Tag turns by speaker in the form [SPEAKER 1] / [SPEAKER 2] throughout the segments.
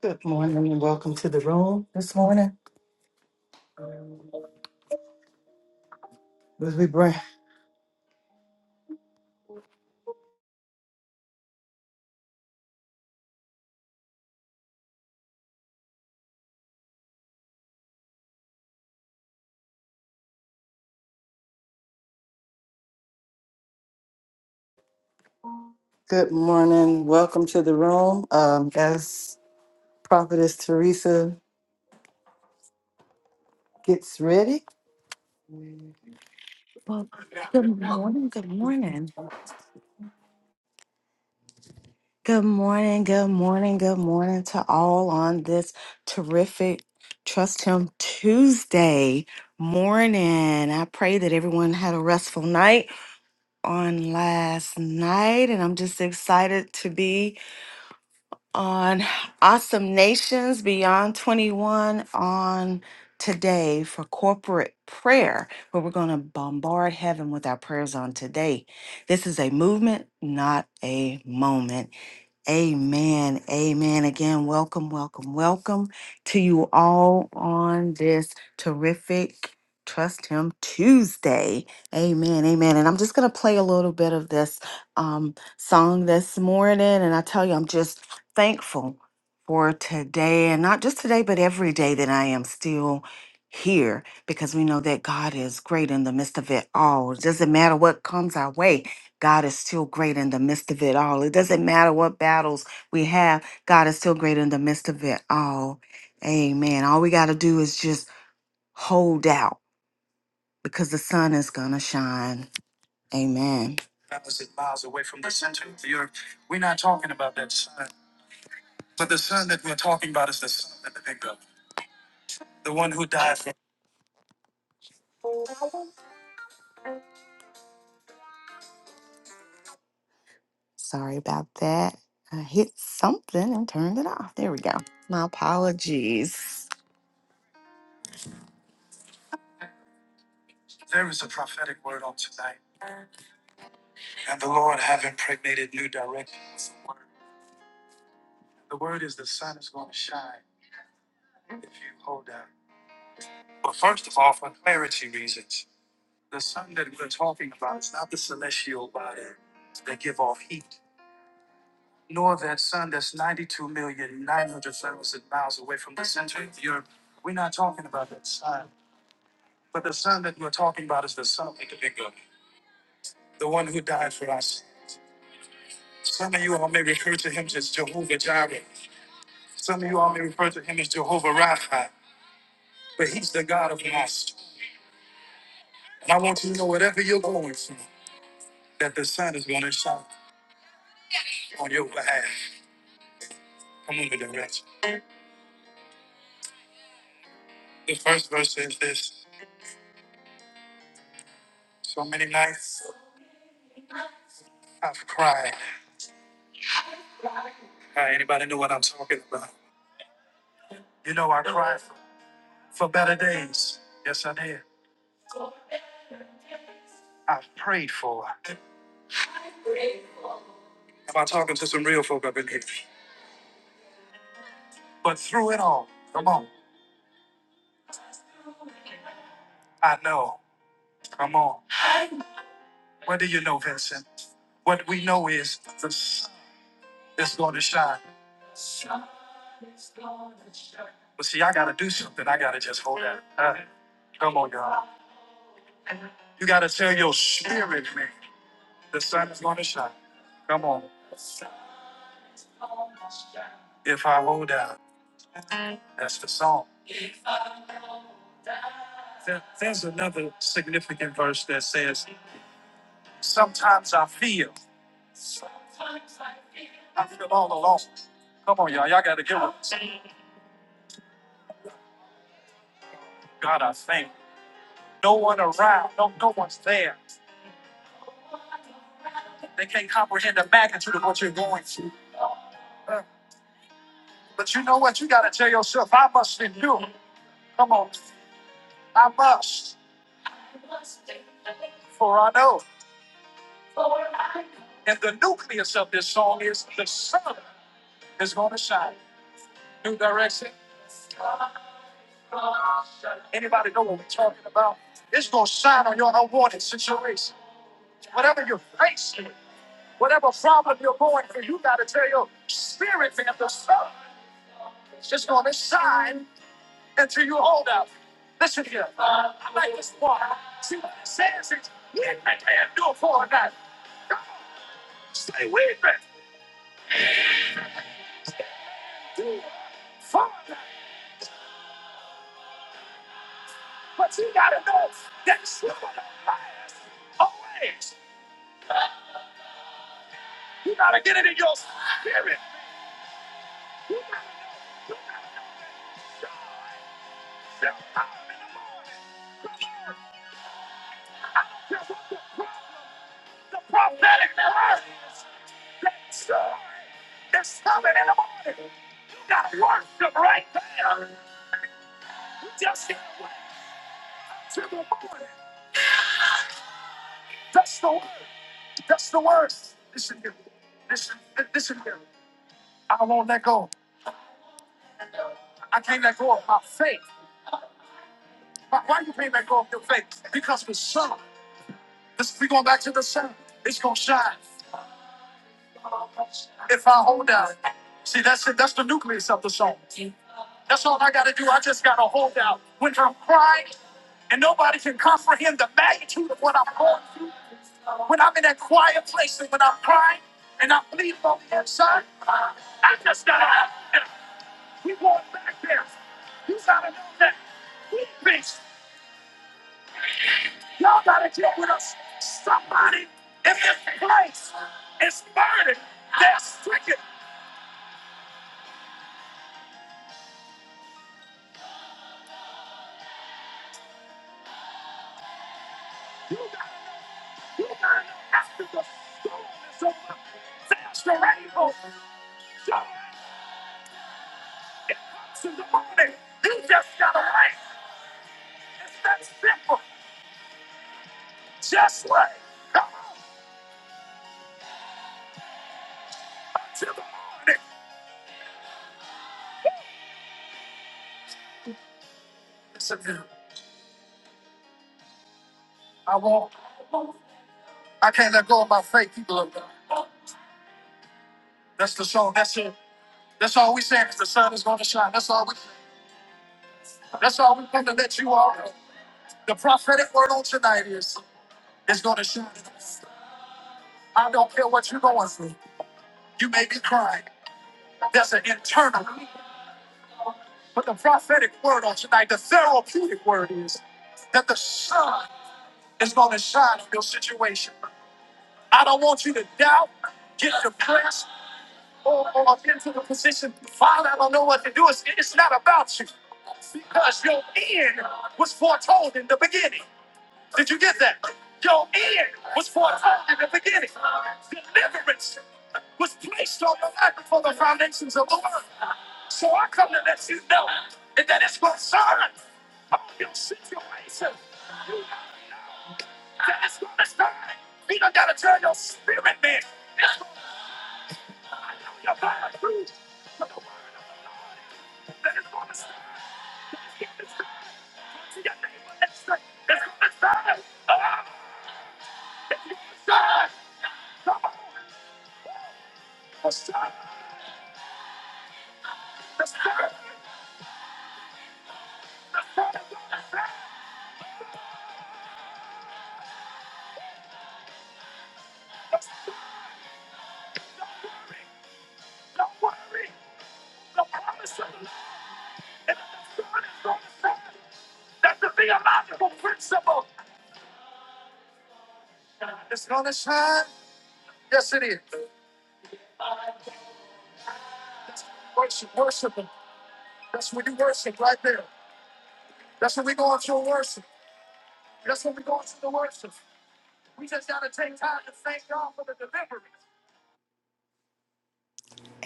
[SPEAKER 1] Good morning and welcome to the room this morning. As we bring- Good morning, welcome to the room. Um, as Prophetess Teresa gets ready.
[SPEAKER 2] Well, good morning, good morning. Good morning, good morning, good morning to all on this terrific Trust Him Tuesday morning. I pray that everyone had a restful night on last night, and I'm just excited to be on Awesome Nations Beyond 21 on today for corporate prayer, where we're going to bombard heaven with our prayers on today. This is a movement, not a moment. Amen. Amen. Again, welcome, welcome, welcome to you all on this terrific Trust Him Tuesday. Amen. Amen. And I'm just going to play a little bit of this um, song this morning. And I tell you, I'm just thankful for today and not just today, but every day that I am still here because we know that God is great in the midst of it all. It doesn't matter what comes our way. God is still great in the midst of it all. It doesn't matter what battles we have, God is still great in the midst of it all. Amen. All we got to do is just hold out because the sun is going to shine. Amen. Sorry about that. I hit something and turned it off. There we go. My apologies.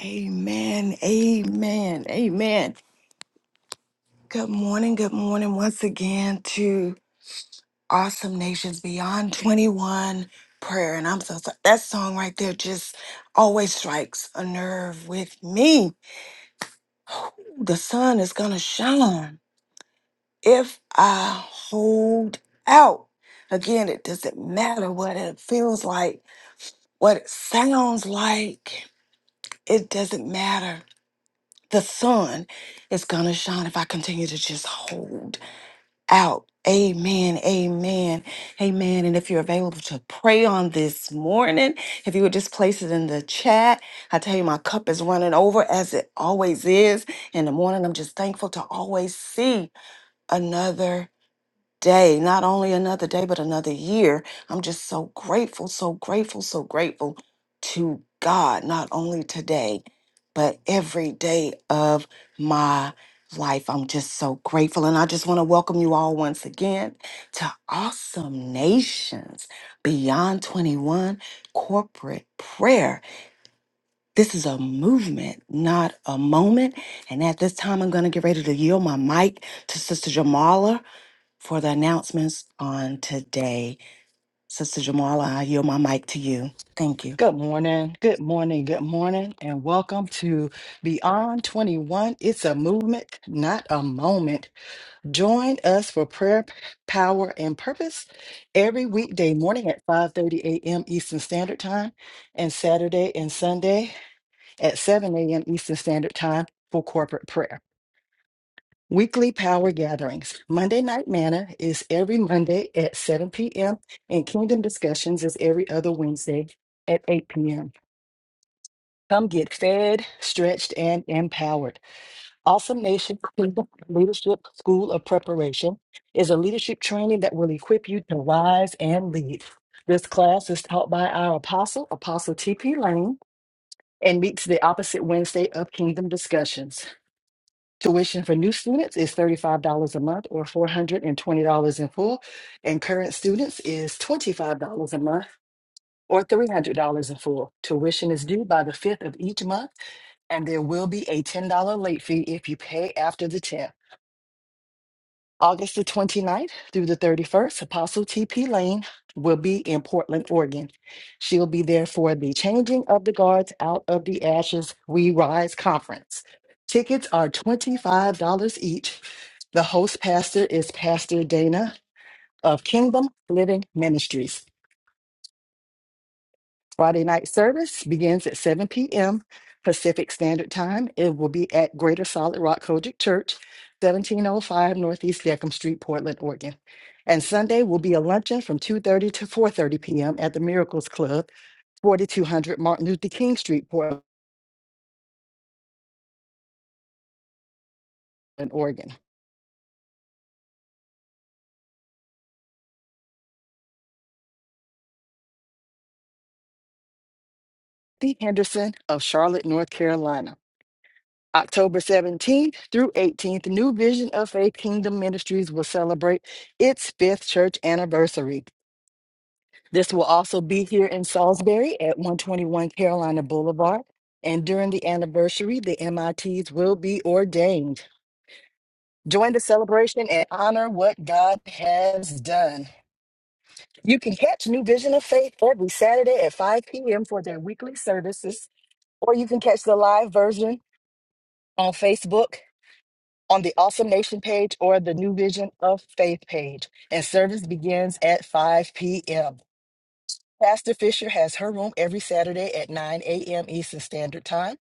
[SPEAKER 2] Amen. Amen. Amen. Good morning. Good morning once again to Awesome Nations Beyond 21 prayer. And I'm so sorry. That song right there just always strikes a nerve with me. The sun is going to shine if I hold out. Again, it doesn't matter what it feels like, what it sounds like. It doesn't matter. The sun is going to shine if I continue to just hold out. Amen. Amen. Amen. And if you're available to pray on this morning, if you would just place it in the chat, I tell you, my cup is running over as it always is. In the morning, I'm just thankful to always see another day, not only another day, but another year. I'm just so grateful, so grateful, so grateful to God, not only today, but every day of my life. I'm just so grateful. And I just want to welcome you all once again to Awesome Nations Beyond 21 Corporate Prayer. This is a movement, not a moment. And at this time, I'm going to get ready to yield my mic to Sister Jamala for the announcements on today. Sister Jamala, I yield my mic to you. Thank you.
[SPEAKER 1] Good morning, good morning, good morning, and welcome to Beyond 21. It's a movement, not a moment. Join us for prayer, power, and purpose every weekday morning at 5:30 a.m. Eastern Standard Time and Saturday and Sunday at 7 a.m. Eastern Standard Time for corporate prayer. Weekly power gatherings. Monday Night Manna is every Monday at 7 p.m., and Kingdom Discussions is every other Wednesday at 8 p.m. Come get fed, stretched, and empowered. Awesome Nation Kingdom Leadership School of Preparation is a leadership training that will equip you to rise and lead. This class is taught by our apostle, Apostle T.P. Lane, and meets the opposite Wednesday of Kingdom Discussions. Tuition for new students is $35 a month or $420 in full, and current students is $25 a month or $300 in full. Tuition is due by the 5th of each month, and there will be a $10 late fee if you pay after the 10th. August the 29th through the 31st, Apostle TP Lane will be in Portland, Oregon. She'll be there for the Changing of the Guards Out of the Ashes We Rise conference. Tickets are $25 each. The host pastor is Pastor Dana of Kingdom Living Ministries. Friday night service begins at 7 p.m. Pacific Standard Time. It will be at Greater Solid Rock Kojic Church, 1705 Northeast Deckham Street, Portland, Oregon. And Sunday will be a luncheon from 2:30 to 4:30 p.m. at the Miracles Club, 4200 Martin Luther King Street, Portland, Oregon. The Henderson of Charlotte, North Carolina. October 17th through 18th, New Vision of Faith Kingdom Ministries will celebrate its fifth church anniversary. This will also be here in Salisbury at 121 Carolina Boulevard. And during the anniversary, the MITs will be ordained. Join the celebration and honor what God has done. You can catch New Vision of Faith every Saturday at 5 p.m. for their weekly services, or you can catch the live version on Facebook on the Awesome Nation page or the New Vision of Faith page. And service begins at 5 p.m. Pastor Fisher has her room every Saturday at 9 a.m. Eastern Standard Time,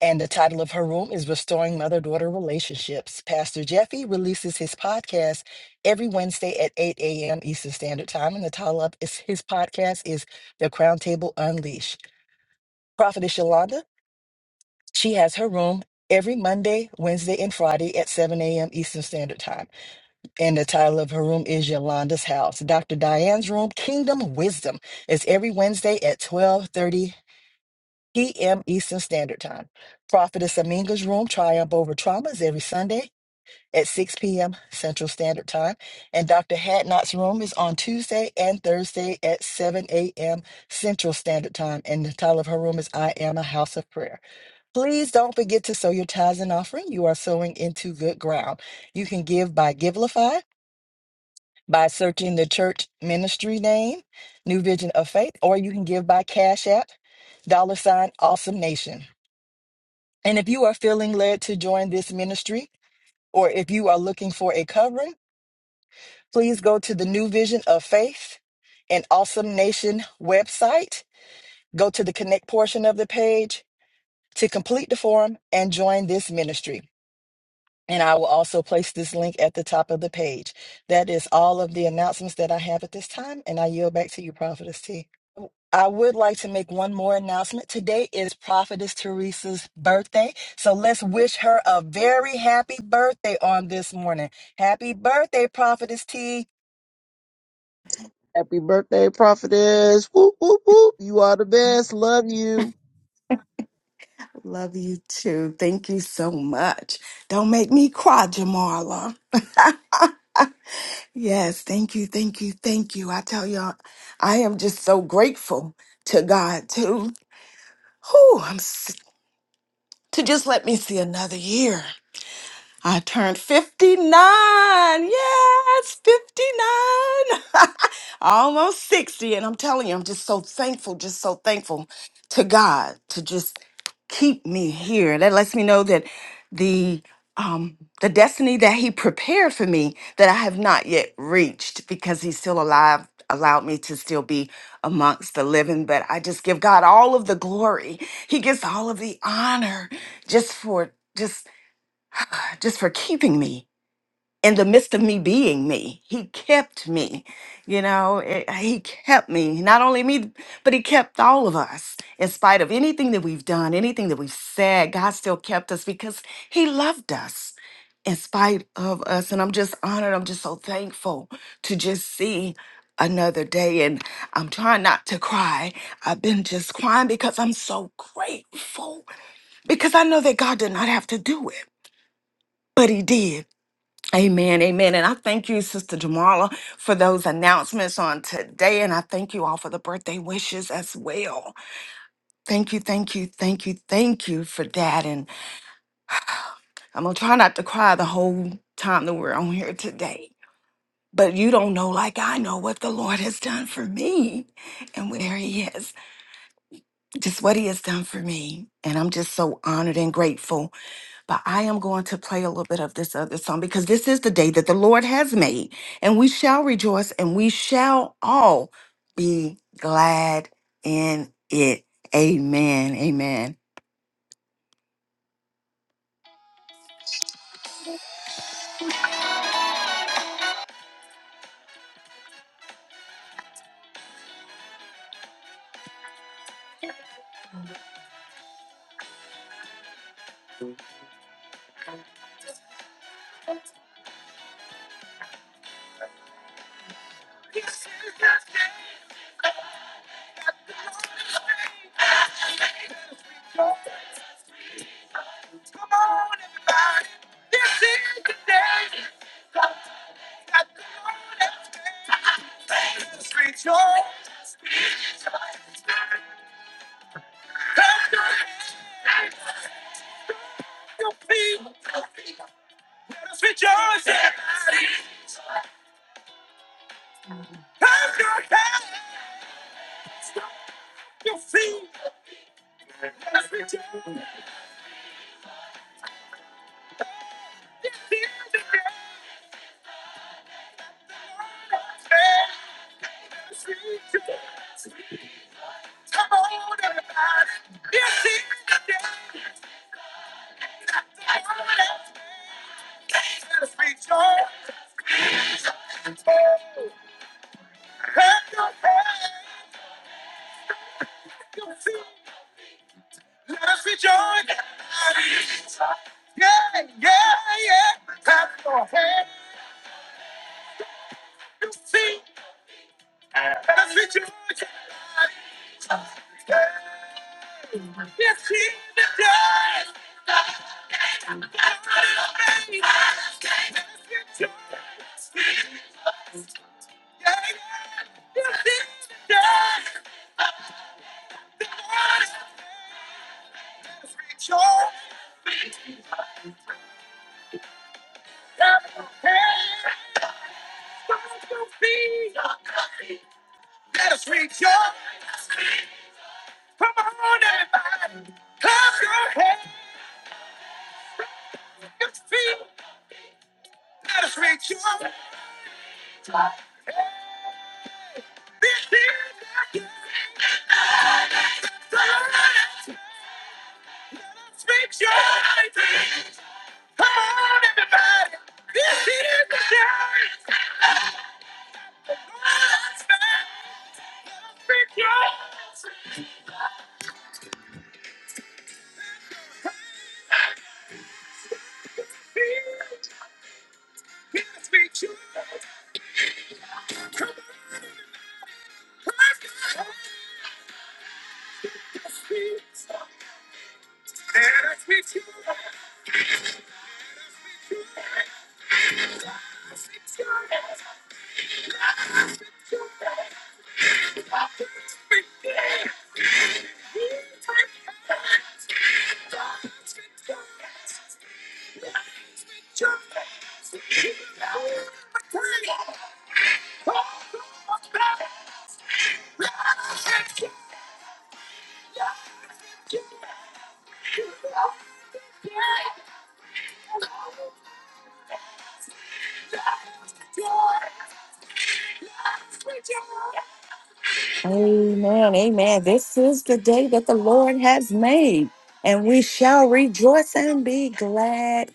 [SPEAKER 1] and the title of her room is Restoring Mother Daughter Relationships. Pastor Jeffy releases his podcast every Wednesday at 8 a.m. Eastern Standard Time, and the title of his his podcast is The Crown Table Unleashed. Prophetess Yolanda, she has her room every Monday, Wednesday, and Friday at 7 a.m. Eastern Standard Time, and the title of her room is Yolanda's House. Dr. Diane's room, Kingdom Wisdom. is every Wednesday at 12:30 p.m. Eastern Standard Time. Prophetess Aminga's Room Triumph Over Trauma is every Sunday at 6 p.m. Central Standard Time. And Dr. Hadnot's Room is on Tuesday and Thursday at 7 a.m. Central Standard Time. And the title of her room is I Am a House of Prayer. Please don't forget to sow your tithes and offering. You are sowing into good ground. You can give by Givelify, by searching the church ministry name, New Vision of Faith, or you can give by Cash App, dollar sign Awesome Nation. And if you are feeling led to join this ministry, or if you are looking for a covering, please go to the New Vision of Faith and Awesome Nation website. Go to the connect portion of the page to complete the form and join this ministry. And I will also place this link at the top of the page. That is all of the announcements that I have at this time, and I yield back to you, Prophetess T. I would like to make one more announcement. Today is Prophetess Teresa's birthday, so let's wish her a very happy birthday on this morning. Happy birthday, Prophetess T.
[SPEAKER 3] Happy birthday, prophetess. Whoop, whoop, whoop. You are the best. Love you.
[SPEAKER 2] Love you too. Thank you so much. Don't make me cry, Jamala. Yes, thank you, thank you, thank you. I tell y'all, I am just so grateful to God too. Whew, I'm s- to just let me see another year. I turned 59. Yes, 59. Almost 60. And I'm telling you, I'm just so thankful, just so thankful to God to just keep me here. That lets me know that the um the destiny that he prepared for me that I have not yet reached because he's still alive allowed me to still be amongst the living but I just give God all of the glory. He gets all of the honor just for just just for keeping me in the midst of me being me. He kept me, you know, it- He kept me, not only me, but He kept all of us. In spite of anything that we've done, anything that we've said, God still kept us because He loved us in spite of us. And I'm just honored. I'm just so thankful to just see another day. And I'm trying not to cry. I've been just crying because I'm so grateful because I know that God did not have to do it, but He did. Amen, amen. And I thank you, Sister Jamala, for those announcements on today. And I thank you all for the birthday wishes as well. Thank you, thank you, thank you, thank you for that. And I'm going to try not to cry the whole time that we're on here today. But you don't know, like I know, what the Lord has done for me and where He is, just what He has done for me. And I'm just so honored and grateful But I am going to play a little bit of this other song because this is the day that the Lord has made, and we shall rejoice and we shall all be glad in it. Amen. Amen. Amen. Amen. This is the day that the Lord has made, and we shall rejoice and be glad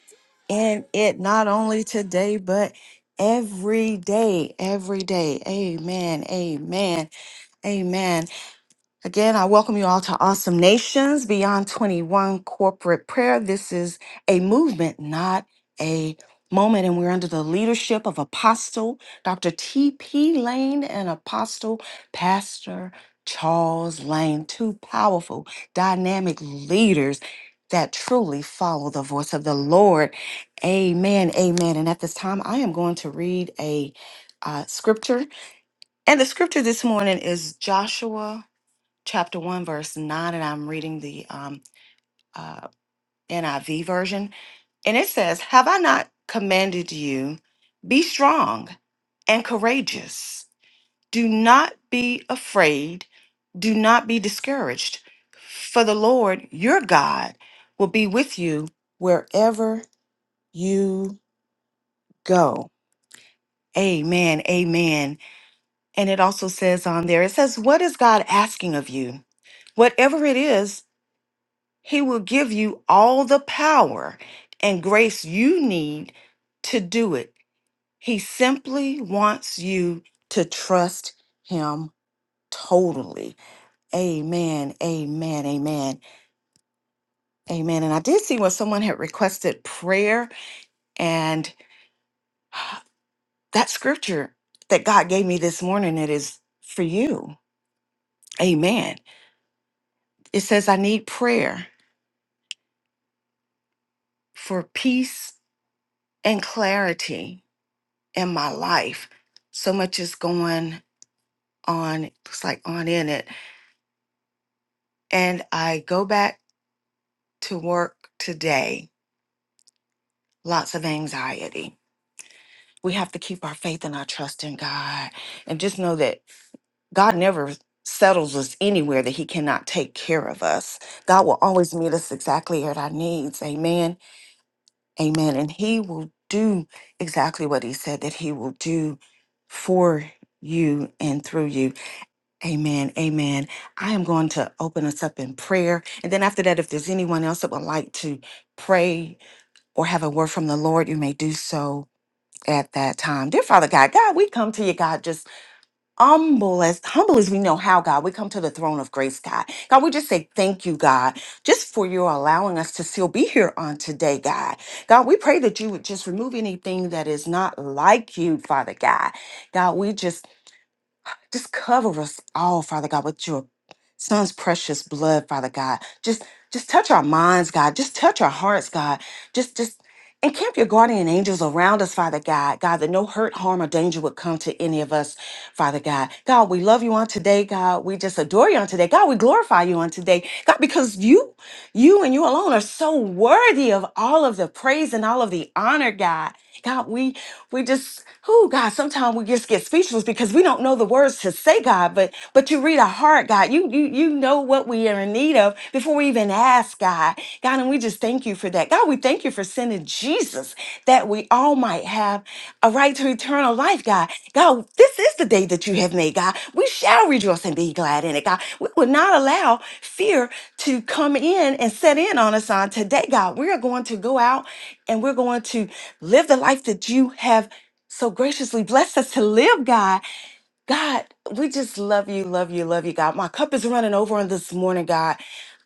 [SPEAKER 2] in it, not only today, but every day. Every day. Amen. Amen. Amen. Again, I welcome you all to Awesome Nations Beyond 21 Corporate Prayer. This is a movement, not a moment, and we're under the leadership of Apostle Dr. T.P. Lane and Apostle Pastor Charles Lane, two powerful, dynamic leaders that truly follow the voice of the Lord. Amen, amen. And at this time, I am going to read a uh, scripture. And the scripture this morning is Joshua chapter 1, verse 9, and I'm reading the um, uh, NIV version. And it says, Have I not commanded you, be strong and courageous? Do not be afraid, do not be discouraged, for the Lord your God will be with you wherever you go. Amen, amen. And it also says on there, it says, What is God asking of you? Whatever it is, He will give you all the power and grace you need to do it. He simply wants you to trust Him totally. Amen, amen, amen, amen. And I did see where someone had requested prayer, and that scripture that God gave me this morning, it is for you. Amen. It says, I need prayer for peace and clarity in my life. So much is going on, it's like on in it. And I go back to work today, lots of anxiety. We have to keep our faith and our trust in God and just know that God never settles us anywhere that He cannot take care of us. God will always meet us exactly at our needs. Amen. Amen. And He will do exactly what He said that He will do for you and through you. Amen. Amen. I am going to open us up in prayer. And then after that, if there's anyone else that would like to pray or have a word from the Lord, you may do so at that time. Dear Father God, God, we come to you, God, just humble as humble as we know how, God. We come to the throne of grace, God. God, we just say thank you, God, just for your allowing us to still be here on today, God. God, we pray that you would just remove anything that is not like you, Father God. God, we just just cover us all, Father God, with your son's precious blood, Father God. Just just touch our minds, God. Just touch our hearts, God. Just just encamp your guardian angels around us, Father God. God, that no hurt, harm, or danger would come to any of us, Father God. God, we love you on today, God. We just adore you on today. God, we glorify you on today. God, because you you and you alone are so worthy of all of the praise and all of the honor, God. God, we we just, oh God, sometimes we just get speechless because we don't know the words to say, God, but but you read our heart, God. You you you know what we are in need of before we even ask, God. God, and we just thank thank you for that. God, we thank you for sending Jesus that we all might have a right to eternal life, God. God, this is the day that you have made, God. We shall rejoice and be glad in it, God. We will not allow fear to come in and set in on us on today, God. We are going to go out and we're going to live the life that you have so graciously blessed us to live, God. God, we just love you, love you, love you, God. My cup is running over on this morning, God.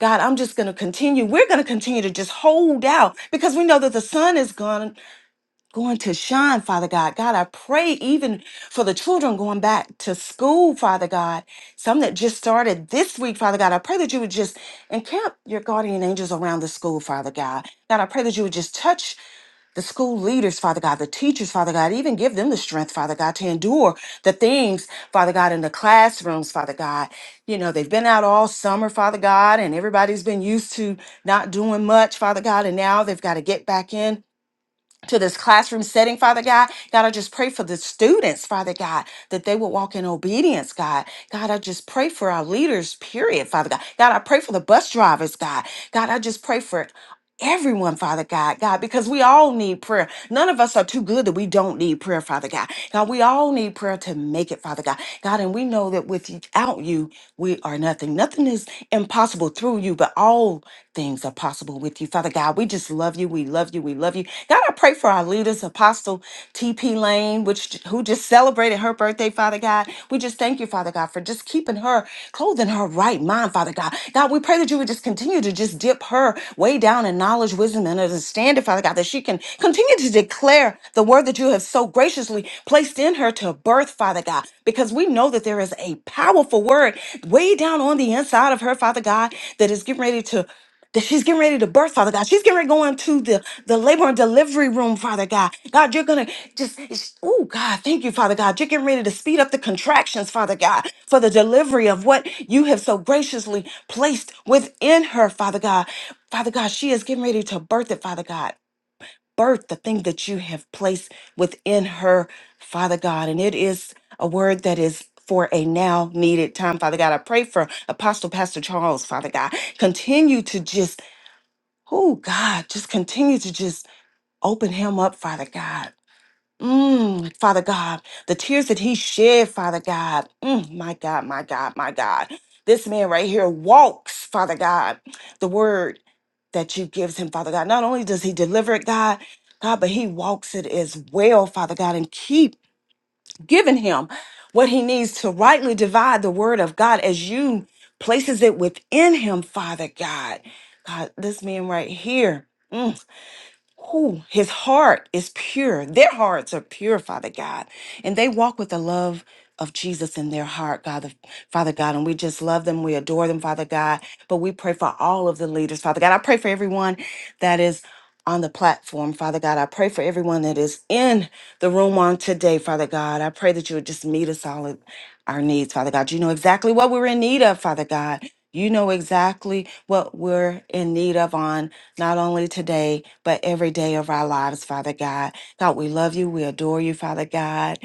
[SPEAKER 2] God, I'm just going to continue. We're going to continue to just hold out because we know that the sun is gone going to shine, Father God. God, I pray even for the children going back to school, Father God. Some that just started this week, Father God. I pray that you would just encamp your guardian angels around the school, Father God. God, I pray that you would just touch the school leaders, Father God, the teachers, Father God, even give them the strength, Father God, to endure the things, Father God, in the classrooms, Father God. You know, they've been out all summer, Father God, and everybody's been used to not doing much, Father God, and now they've got to get back in to this classroom setting, Father God. God, I just pray for the students, Father God, that they will walk in obedience, God. God, I just pray for our leaders, period, Father God. God, I pray for the bus drivers, God. God, I just pray for everyone, Father God, God, because we all need prayer. None of us are too good that we don't need prayer, Father God. God, we all need prayer to make it, Father God. God, and we know that without you, we are nothing. Nothing is impossible possible through you, but all things are possible with you. Father God, we just love you. We love you. We love you. God, I pray for our leaders, Apostle TP Lane, which who just celebrated her birthday, Father God. We just thank you, Father God, for just keeping her, clothing her right mind, Father God. God, we pray that you would just continue to just dip her way down in knowledge, wisdom, and understanding, Father God, that she can continue to declare the word that you have so graciously placed in her to birth, Father. Father God, because we know that there is a powerful word way down on the inside of her, Father God, that is getting ready to. That she's getting ready to birth, Father God. She's getting ready to go into the, the labor and delivery room, Father God. God, you're going to just, oh, God, thank you, Father God. You're getting ready to speed up the contractions, Father God, for the delivery of what you have so graciously placed within her, Father God. Father God, she is getting ready to birth it, Father God birth the thing that you have placed within her, Father God. And it is a word that is for a now needed time, Father God. I pray for Apostle Pastor Charles, Father God. Continue to just, oh God, just continue to just open him up, Father God Mm, Father God, the tears that he shed, Father God. Mm, my God, my God, my God. This man right here walks, Father God, the word that you gives him, Father God. Not only does he deliver it, God, God, but he walks it as well, Father God, and keep giving him what he needs to rightly divide the word of God as you places it within him, Father God. God, this man right here. mm, who his heart is pure. Their hearts are pure, Father God. And they walk with the love of Jesus in their heart, God, the, Father God. And we just love them. We adore them, Father God. But we pray for all of the leaders, Father God. I pray for everyone that is on the platform, Father God. I pray for everyone that is in the room on today, Father God. I pray that you would just meet us all at our needs, Father God. You know exactly what we're in need of, Father God. You know exactly what we're in need of on not only today, but every day of our lives, Father God. God, we love you. We adore you, Father God.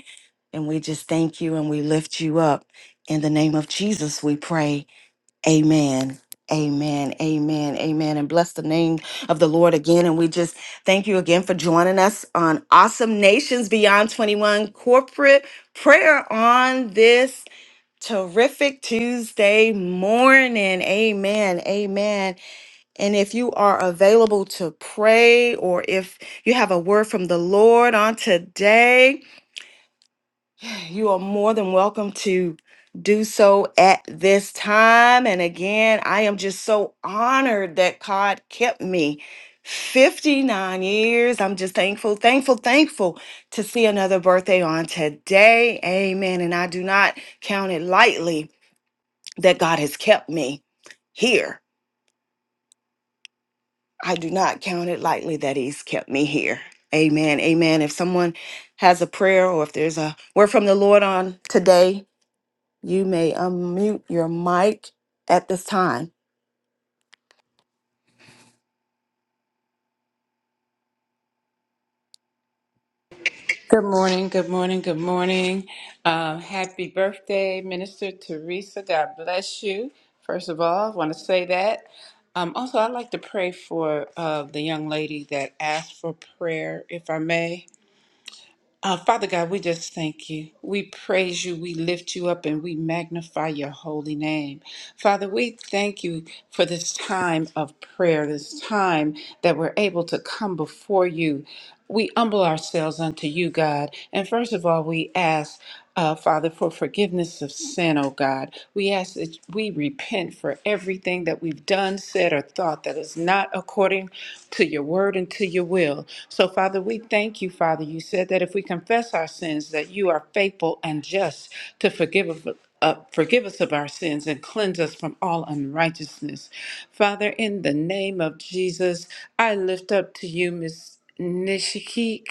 [SPEAKER 2] And we just thank you and we lift you up. In the name of Jesus, we pray. Amen. Amen. Amen. Amen. And bless the name of the Lord again. And we just thank you again for joining us on Awesome Nations Beyond 21 corporate prayer on this terrific Tuesday morning. Amen. Amen. And if you are available to pray or if you have a word from the Lord on today, you are more than welcome to do so at this time. And again, I am just so honored that God kept me 59 years. I'm just thankful, thankful, thankful to see another birthday on today. Amen. And I do not count it lightly that God has kept me here I do not count it lightly that he's kept me here. Amen. Amen. If someone has a prayer or if there's a word from the Lord on today, you may unmute your mic at this time.
[SPEAKER 4] Good morning, good morning, good morning. Um, happy birthday, Minister Teresa. God bless you. First of all, I want to say that. Um, also, I'd like to pray for uh, the young lady that asked for prayer, if I may. Uh, Father God, we just thank you. We praise you. We lift you up and we magnify your holy name. Father, we thank you for this time of prayer, this time that we're able to come before you. We humble ourselves unto you, God. And first of all, we ask uh, Father, for forgiveness of sin, oh God. We ask that we repent for everything that we've done, said, or thought that is not according to your word and to your will. So, Father, we thank you, Father. You said that if we confess our sins, that you are faithful and just to forgive of- uh, forgive us of our sins and cleanse us from all unrighteousness. Father, in the name of Jesus, I lift up to you, Miss. Nishikik,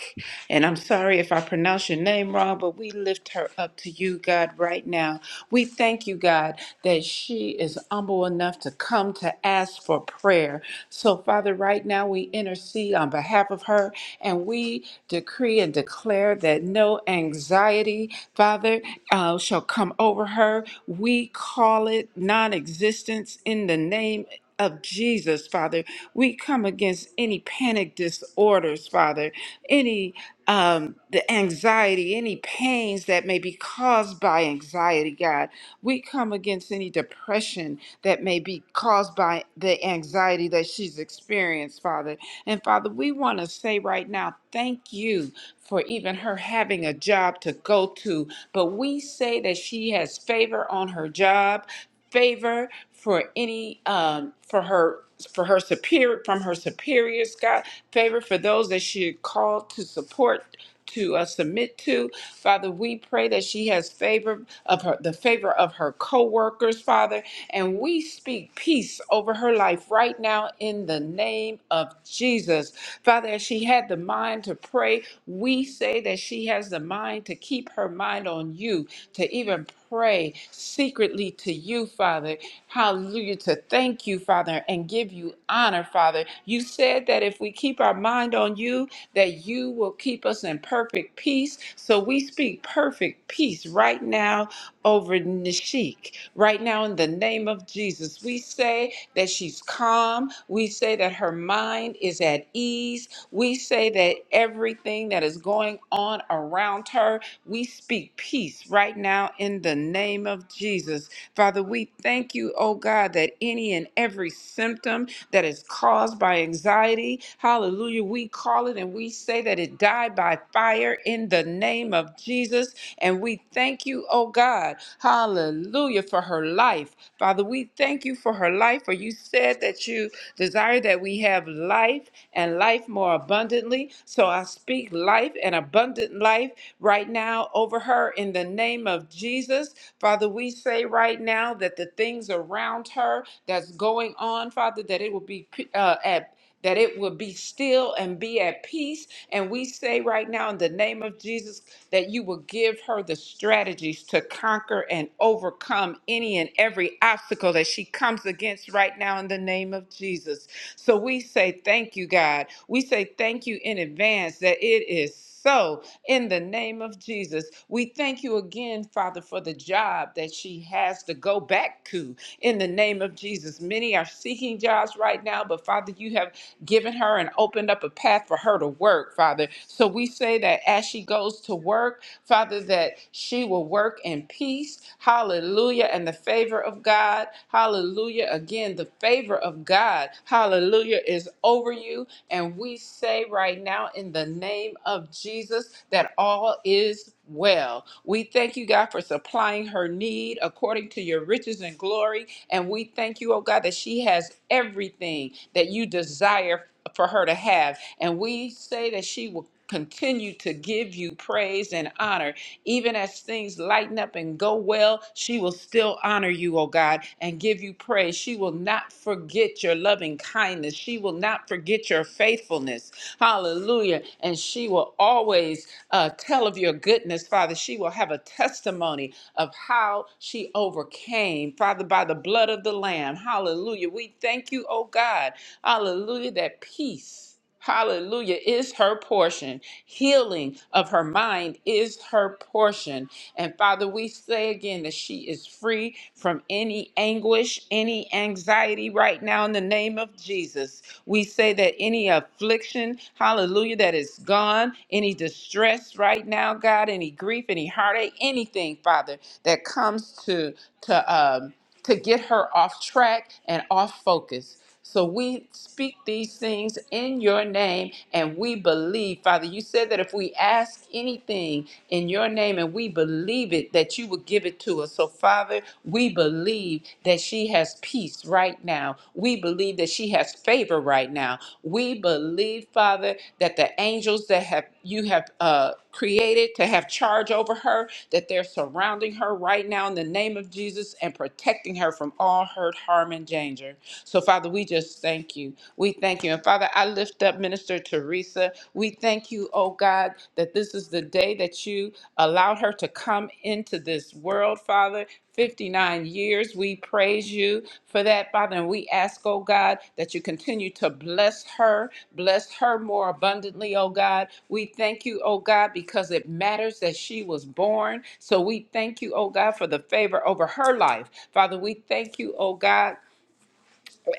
[SPEAKER 4] and I'm sorry if I pronounce your name wrong, but we lift her up to you, God, right now. We thank you, God, that she is humble enough to come to ask for prayer. So, Father, right now we intercede on behalf of her and we decree and declare that no anxiety, Father, uh, shall come over her. We call it non existence in the name of Jesus, Father, we come against any panic disorders, Father, any um, the anxiety, any pains that may be caused by anxiety, God. We come against any depression that may be caused by the anxiety that she's experienced, Father. And Father, we want to say right now, thank you for even her having a job to go to. But we say that she has favor on her job favor for any um, for her for her superior from her superiors god favor for those that she called to support to uh, submit to father we pray that she has favor of her the favor of her co-workers father and we speak peace over her life right now in the name of jesus father as she had the mind to pray we say that she has the mind to keep her mind on you to even pray secretly to you, Father. Hallelujah. To thank you, Father, and give you honor, Father. You said that if we keep our mind on you, that you will keep us in perfect peace. So we speak perfect peace right now over Nishik. Right now, in the name of Jesus, we say that she's calm. We say that her mind is at ease. We say that everything that is going on around her we speak peace right now in the name of Jesus. Father, we thank you, oh God, that any and every symptom that is caused by anxiety, hallelujah, we call it and we say that it died by fire in the name of Jesus. And we thank you, oh God, hallelujah, for her life. Father, we thank you for her life, for you said that you desire that we have life and life more abundantly. So I speak life and abundant life right now over her in the name of Jesus. Father, we say right now that the things around her that's going on, Father, that it will be uh, at that it would be still and be at peace. And we say right now, in the name of Jesus, that you will give her the strategies to conquer and overcome any and every obstacle that she comes against right now, in the name of Jesus. So we say thank you, God. We say thank you in advance that it is so in the name of Jesus. We thank you again, Father, for the job that she has to go back to in the name of Jesus. Many are seeking jobs right now, but Father, you have given her and opened up a path for her to work, Father. So we say that as she goes to work, Father, that she will work in peace. Hallelujah. And the favor of God. Hallelujah. Again, the favor of God. Hallelujah is over you. And we say right now in the name of Jesus that all is well. We thank you, God, for supplying her need according to your riches and glory. And we thank you, oh God, that she has everything that you desire for her to have. And we say that she will continue to give you praise and honor. Even as things lighten up and go well, she will still honor you, oh God, and give you praise. She will not forget your loving kindness. She will not forget your faithfulness. Hallelujah. And she will always uh, tell of your goodness, Father. She will have a testimony of how she overcame, Father, by the blood of the Lamb. Hallelujah. We thank you, oh God. Hallelujah, that peace. Hallelujah is her portion. Healing of her mind is her portion. And Father, we say again that she is free from any anguish, any anxiety right now in the name of Jesus. We say that any affliction, hallelujah, that is gone, any distress right now, God, any grief, any heartache, anything, Father, that comes to to um to get her off track and off focus. So we speak these things in your name and we believe, Father. You said that if we ask anything in your name and we believe it, that you would give it to us. So, Father, we believe that she has peace right now. We believe that she has favor right now. We believe, Father, that the angels that have you have uh, created to have charge over her, that they're surrounding her right now in the name of Jesus and protecting her from all hurt, harm, and danger. So, Father, we just thank you. We thank you. And, Father, I lift up Minister Teresa. We thank you, oh God, that this is the day that you allowed her to come into this world, Father. 59 years. We praise you for that, Father. And we ask, oh God, that you continue to bless her, bless her more abundantly, oh God. We thank you, oh God, because it matters that she was born. So we thank you, oh God, for the favor over her life. Father, we thank you, oh God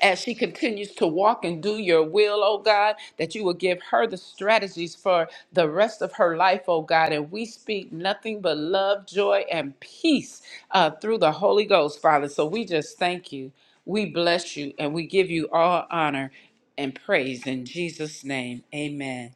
[SPEAKER 4] as she continues to walk and do your will, oh God, that you will give her the strategies for the rest of her life, oh God. And we speak nothing but love, joy, and peace uh, through the Holy Ghost, Father. So we just thank you. We bless you and we give you all honor and praise in Jesus' name. Amen.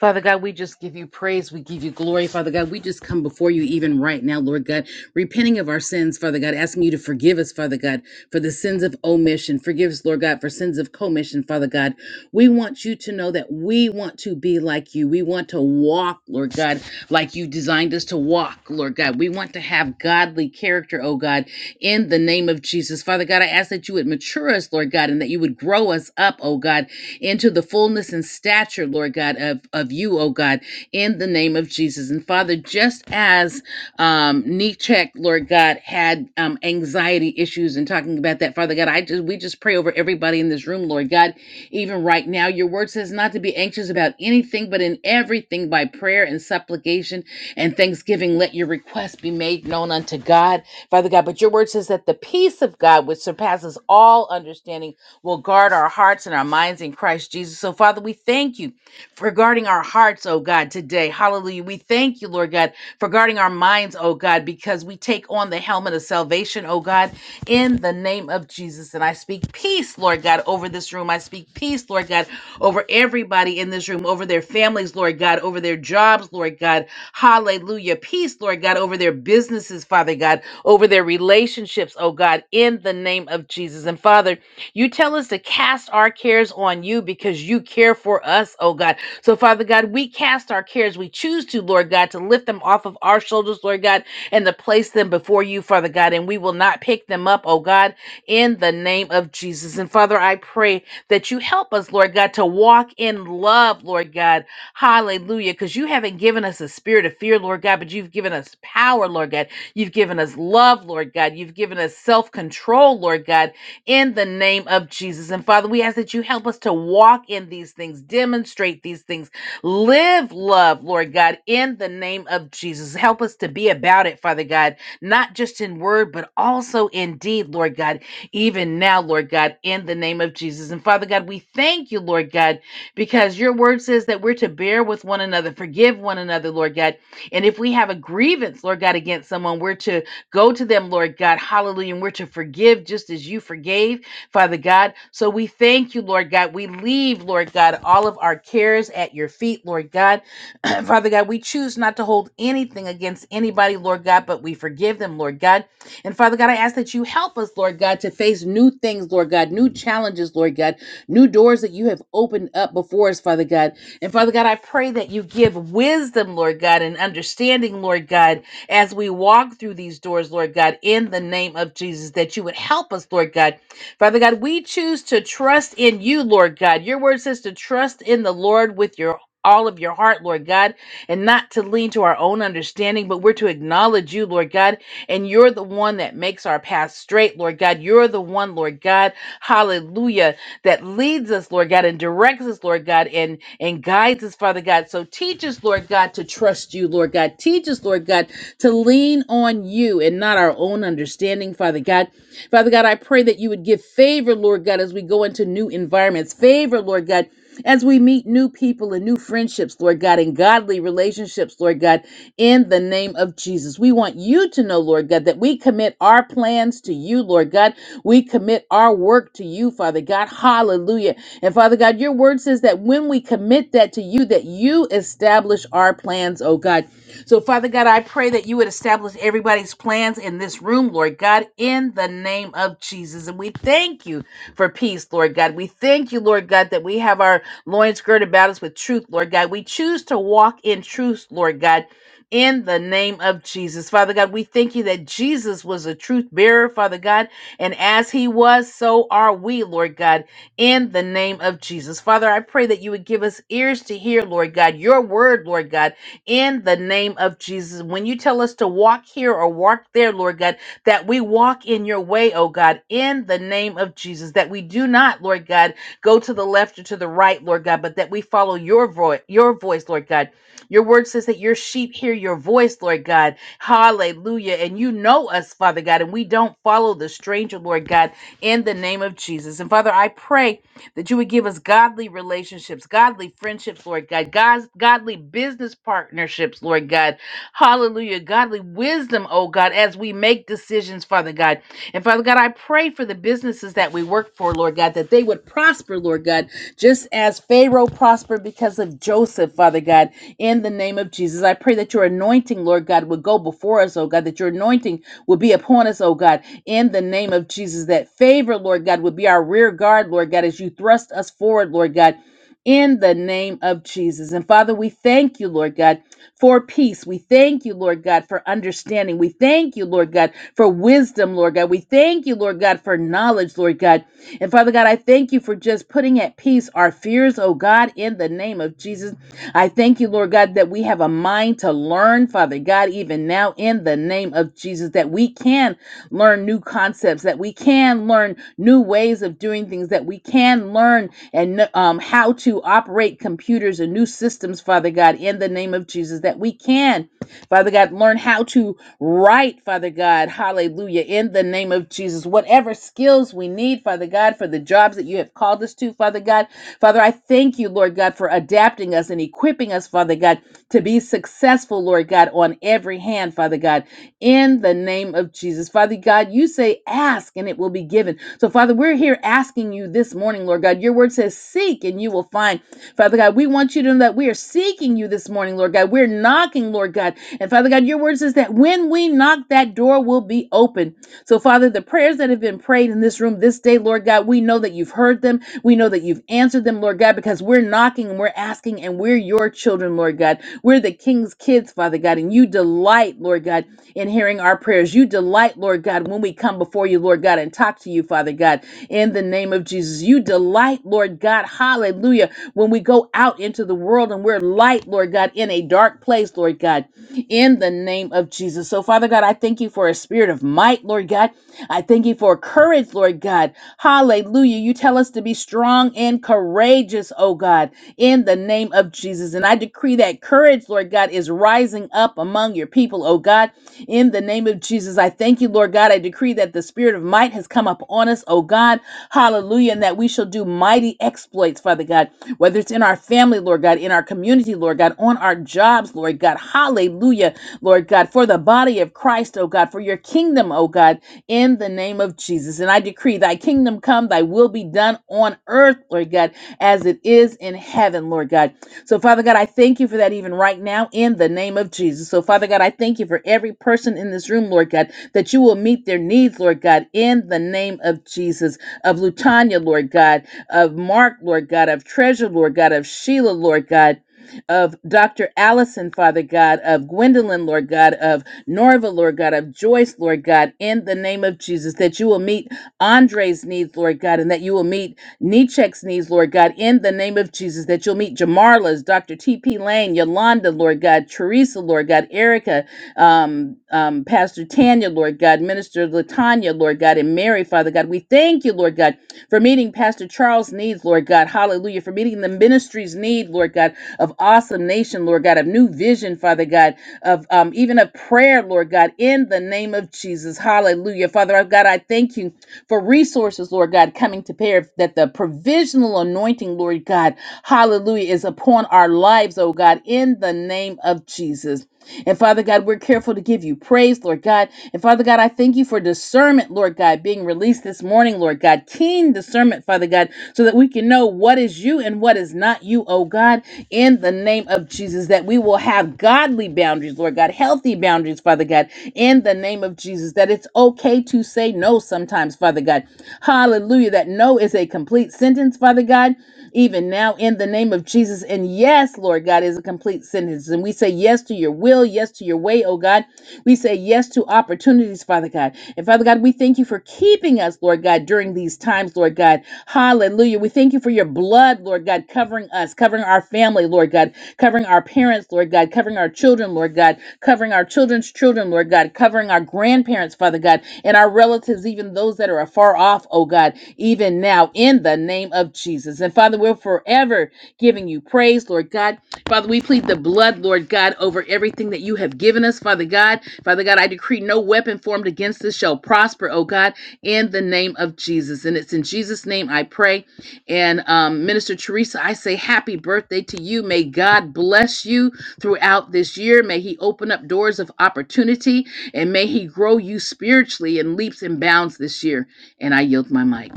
[SPEAKER 5] Father God, we just give you praise. We give you glory, Father God. We just come before you even right now, Lord God, repenting of our sins, Father God, asking you to forgive us, Father God, for the sins of omission. Forgive us, Lord God, for sins of commission, Father God. We want you to know that we want to be like you. We want to walk, Lord God, like you designed us to walk, Lord God. We want to have godly character, oh God in the name of Jesus. Father God, I ask that you would mature us, Lord God, and that you would grow us up, oh God, into the fullness and stature, Lord God, of, of you, oh God, in the name of Jesus. And Father, just as um, Nechek, Lord God, had um, anxiety issues and talking about that. Father God, I just we just pray over everybody in this room, Lord God. Even right now, your word says not to be anxious about anything, but in everything by prayer and supplication and thanksgiving, let your requests be made known unto God, Father God. But your word says that the peace of God, which surpasses all understanding, will guard our hearts and our minds in Christ Jesus. So, Father, we thank you for guarding our hearts, oh God, today. Hallelujah. We thank you, Lord God for guarding our minds, oh God, because we take on the helmet of salvation, oh God, in the name of Jesus. And I speak peace, Lord God, over this room. I speak peace, Lord God, over everybody in this room, over their families, Lord God, over their jobs, Lord God. Hallelujah. Peace, Lord God, over their businesses, Father God, over their relationships, oh God, in the name of Jesus. And Father, you tell us to cast our cares on you because you care for us, oh God. So, Father God, we cast our cares. We choose to, Lord God, to lift them off of our shoulders, Lord God, and to place them before you, Father God. And we will not pick them up, oh God, in the name of Jesus. And Father, I pray that you help us, Lord God, to walk in love, Lord God. Hallelujah. Because you haven't given us a spirit of fear, Lord God, but you've given us power, Lord God. You've given us love, Lord God. You've given us self control, Lord God in the name of Jesus. And Father, we ask that you help us to walk in these things, demonstrate these things, live love, Lord God, in the name of Jesus. Help us to be about it, Father God, not just in word, but also in deed, Lord God, even now, Lord God, in the name of Jesus. And Father God, we thank you, Lord God, because your word says that we're to bear with one another, forgive one another, Lord God. And if we have a grievance, Lord God, against someone, we're to Go to them, Lord God. Hallelujah. And we're to forgive just as you forgave, Father God. So we thank you, Lord God. We leave, Lord God, all of our cares at your feet, Lord God. Father God, we choose not to hold anything against anybody, Lord God, but we forgive them, Lord God. And Father God, I ask that you help us, Lord God, to face new things, Lord God, new challenges, Lord God, new doors that you have opened up before us, Father God. And Father God, I pray that you give wisdom, Lord God, and understanding, Lord God as we walk through these doors, Lord God, in the name of Jesus, that you would help us, Lord God. Father God, we choose to trust in you, Lord God. Your word says to trust in the Lord with your all of your heart, Lord God, and not to lean to our own understanding, but we're to acknowledge you, Lord God, and you're the one that makes our path straight, Lord God. You're the one, Lord God, hallelujah, that leads us, Lord God, and directs us, Lord God, and and guides us, Father God. So teach us, Lord God, to trust you, Lord God. Teach us, Lord God, to lean on you and not our own understanding, Father God. Father God, I pray that you would give favor, Lord God, as we go into new environments. Favor, Lord God, as we meet new people and new friendships, Lord God, and godly relationships, Lord God, in the name of Jesus. We want you to know, Lord God, that we commit our plans to you, Lord God. We commit our work to you, Father God. Hallelujah. And Father God, your word says that when we commit that to you, that you establish our plans, oh God. So, Father God, I pray that you would establish everybody's plans in this room, Lord God, in the name of Jesus. And we thank you for peace, Lord God. We thank you, Lord God, that we have our loins girded about us with truth, Lord God. We choose to walk in truth, Lord God. In the name of Jesus. Father God, we thank you that Jesus was a truth bearer, Father God, and as he was, so are we, Lord God, in the name of Jesus. Father, I pray that you would give us ears to hear, Lord God, your word, Lord God in the name of Jesus. When you tell us to walk here or walk there, Lord God, that we walk in your way, oh God, in the name of Jesus, that we do not, Lord God, go to the left or to the right, Lord God, but that we follow your voice, your voice, Lord God. Your word says that your sheep hear your voice, Lord God. Hallelujah. And you know us, Father God, and we don't follow the stranger, Lord God, in the name of Jesus. And Father, I pray that you would give us godly relationships, godly friendships, Lord God, God's, godly business partnerships, Lord God. Hallelujah. Godly wisdom, oh God, as we make decisions, Father God. And Father God, I pray for the businesses that we work for, Lord God, that they would prosper, Lord God, just as Pharaoh prospered because of Joseph, Father God, in the name of Jesus. I pray that your anointing, Lord God, would go before us, oh God, that your anointing would be upon us, oh God in the name of Jesus. That favor, Lord God, would be our rear guard, Lord God, as you thrust us forward, Lord God, in the name of Jesus. And Father, we thank you, Lord God, for peace. We thank you, Lord God, for understanding. We thank you, Lord God, for wisdom, Lord God. We thank you, Lord God, for knowledge, Lord God. And Father God, I thank you for just putting at peace our fears, oh God, in the name of Jesus. I thank you, Lord God, that we have a mind to learn, Father God, even now in the name of Jesus, that we can learn new concepts, that we can learn new ways of doing things, that we can learn and um, how to operate computers and new systems, Father God, in the name of Jesus, that we can, Father God, learn how to write, Father God, hallelujah, in the name of Jesus. Whatever skills we need, Father God, for the jobs that you have called us to, Father God, Father, I thank you, Lord God, for adapting us and equipping us, Father God, to be successful, Lord God, on every hand, Father God in the name of Jesus. Father God, you say, ask and it will be given. So, Father, we're here asking you this morning, Lord God. Your word says, seek and you will find. Father God, we want you to know that we are seeking you this morning, Lord God. We're knocking, Lord God. And Father God, your word says that when we knock, that door will be open. So, Father, the prayers that have been prayed in this room this day, Lord God, we know that you've heard them. We know that you've answered them, Lord God, because we're knocking and we're asking and we're your children, Lord God. We're the king's kids, Father God, and you delight, Lord God in hearing our prayers. You delight, Lord God, when we come before you, Lord God, and talk to you, Father God, in the name of Jesus. You delight, Lord God, hallelujah, when we go out into the world and we're light, Lord God, in a dark place, Lord God, in the name of Jesus. So, Father God, I thank you for a spirit of might, Lord God. I thank you for courage, Lord God. Hallelujah. You tell us to be strong and courageous, oh God, in the name of Jesus. And I decree that courage, Lord God, is rising up among among your people, oh God. In the name of Jesus, I thank you, Lord God. I decree that the spirit of might has come up on us, oh God. Hallelujah. And that we shall do mighty exploits, Father God, whether it's in our family, Lord God, in our community, Lord God, on our jobs, Lord God. Hallelujah, Lord God, for the body of Christ, oh God, for your kingdom, oh God, in the name of Jesus. And I decree thy kingdom come, thy will be done on earth, Lord God, as it is in heaven, Lord God. So, Father God, I thank you for that even right now in the name of Jesus. So, Father God, I thank you for every person in this room, Lord God, that you will meet their needs, Lord God, in the name of Jesus. Of Lutanya, Lord God, of Mark, Lord God, of Treasure, Lord God, of Sheila, Lord God. Of Dr. Allison, Father God, of Gwendolyn, Lord God, of Norva, Lord God, of Joyce, Lord God, in the name of Jesus, that you will meet Andre's needs, Lord God, and that you will meet knee checks knees, Lord God, in the name of Jesus, that you'll meet Jamarla's, Dr. T.P. Lane, Yolanda, Lord God, Teresa, Lord God, Erica, um, um, Pastor Tanya, Lord God, Minister Latanya, Lord God, and Mary, Father God. We thank you, Lord God, for meeting Pastor Charles' needs, Lord God. Hallelujah. For meeting the ministry's need, Lord God, of awesome nation, Lord God, of new vision, Father God, of um, even of prayer, Lord God, in the name of Jesus. Hallelujah. Father, I've God, I thank you for resources, Lord God, coming to bear that the provisional anointing, Lord God, hallelujah, is upon our lives, oh God, in the name of Jesus. And Father God, we're careful to give you praise, Lord God. And Father God, I thank you for discernment, Lord God, being released this morning, Lord God. Keen discernment, Father God, so that we can know what is you and what is not you, oh God, in the name of Jesus, that we will have godly boundaries, Lord God, healthy boundaries, Father God, in the name of Jesus, that it's okay to say no sometimes, Father God. Hallelujah, that no is a complete sentence, Father God even now in the name of Jesus. And yes, Lord God, is a complete sentence. And we say yes to your will, yes to your way, oh God. We say yes to opportunities, Father God. And Father God, we thank you for keeping us, Lord God, during these times, Lord God. Hallelujah. We thank you for your blood, Lord God, covering us, covering our family, Lord God, covering our parents, Lord God, covering our children, Lord God, covering our children's children, Lord God, covering our grandparents, Father God, and our relatives, even those that are afar off, oh God, even now in the name of Jesus. And Father, we're forever giving you praise, Lord God Father, we plead the blood, Lord God, over everything that you have given us, Father God. Father God, I decree no weapon formed against us shall prosper, oh God, in the name of Jesus. And it's in Jesus' name I pray. And um, Minister Teresa, I say happy birthday to you. May God bless you throughout this year. May He open up doors of opportunity and may He grow you spiritually in leaps and bounds this year. And I yield my mic.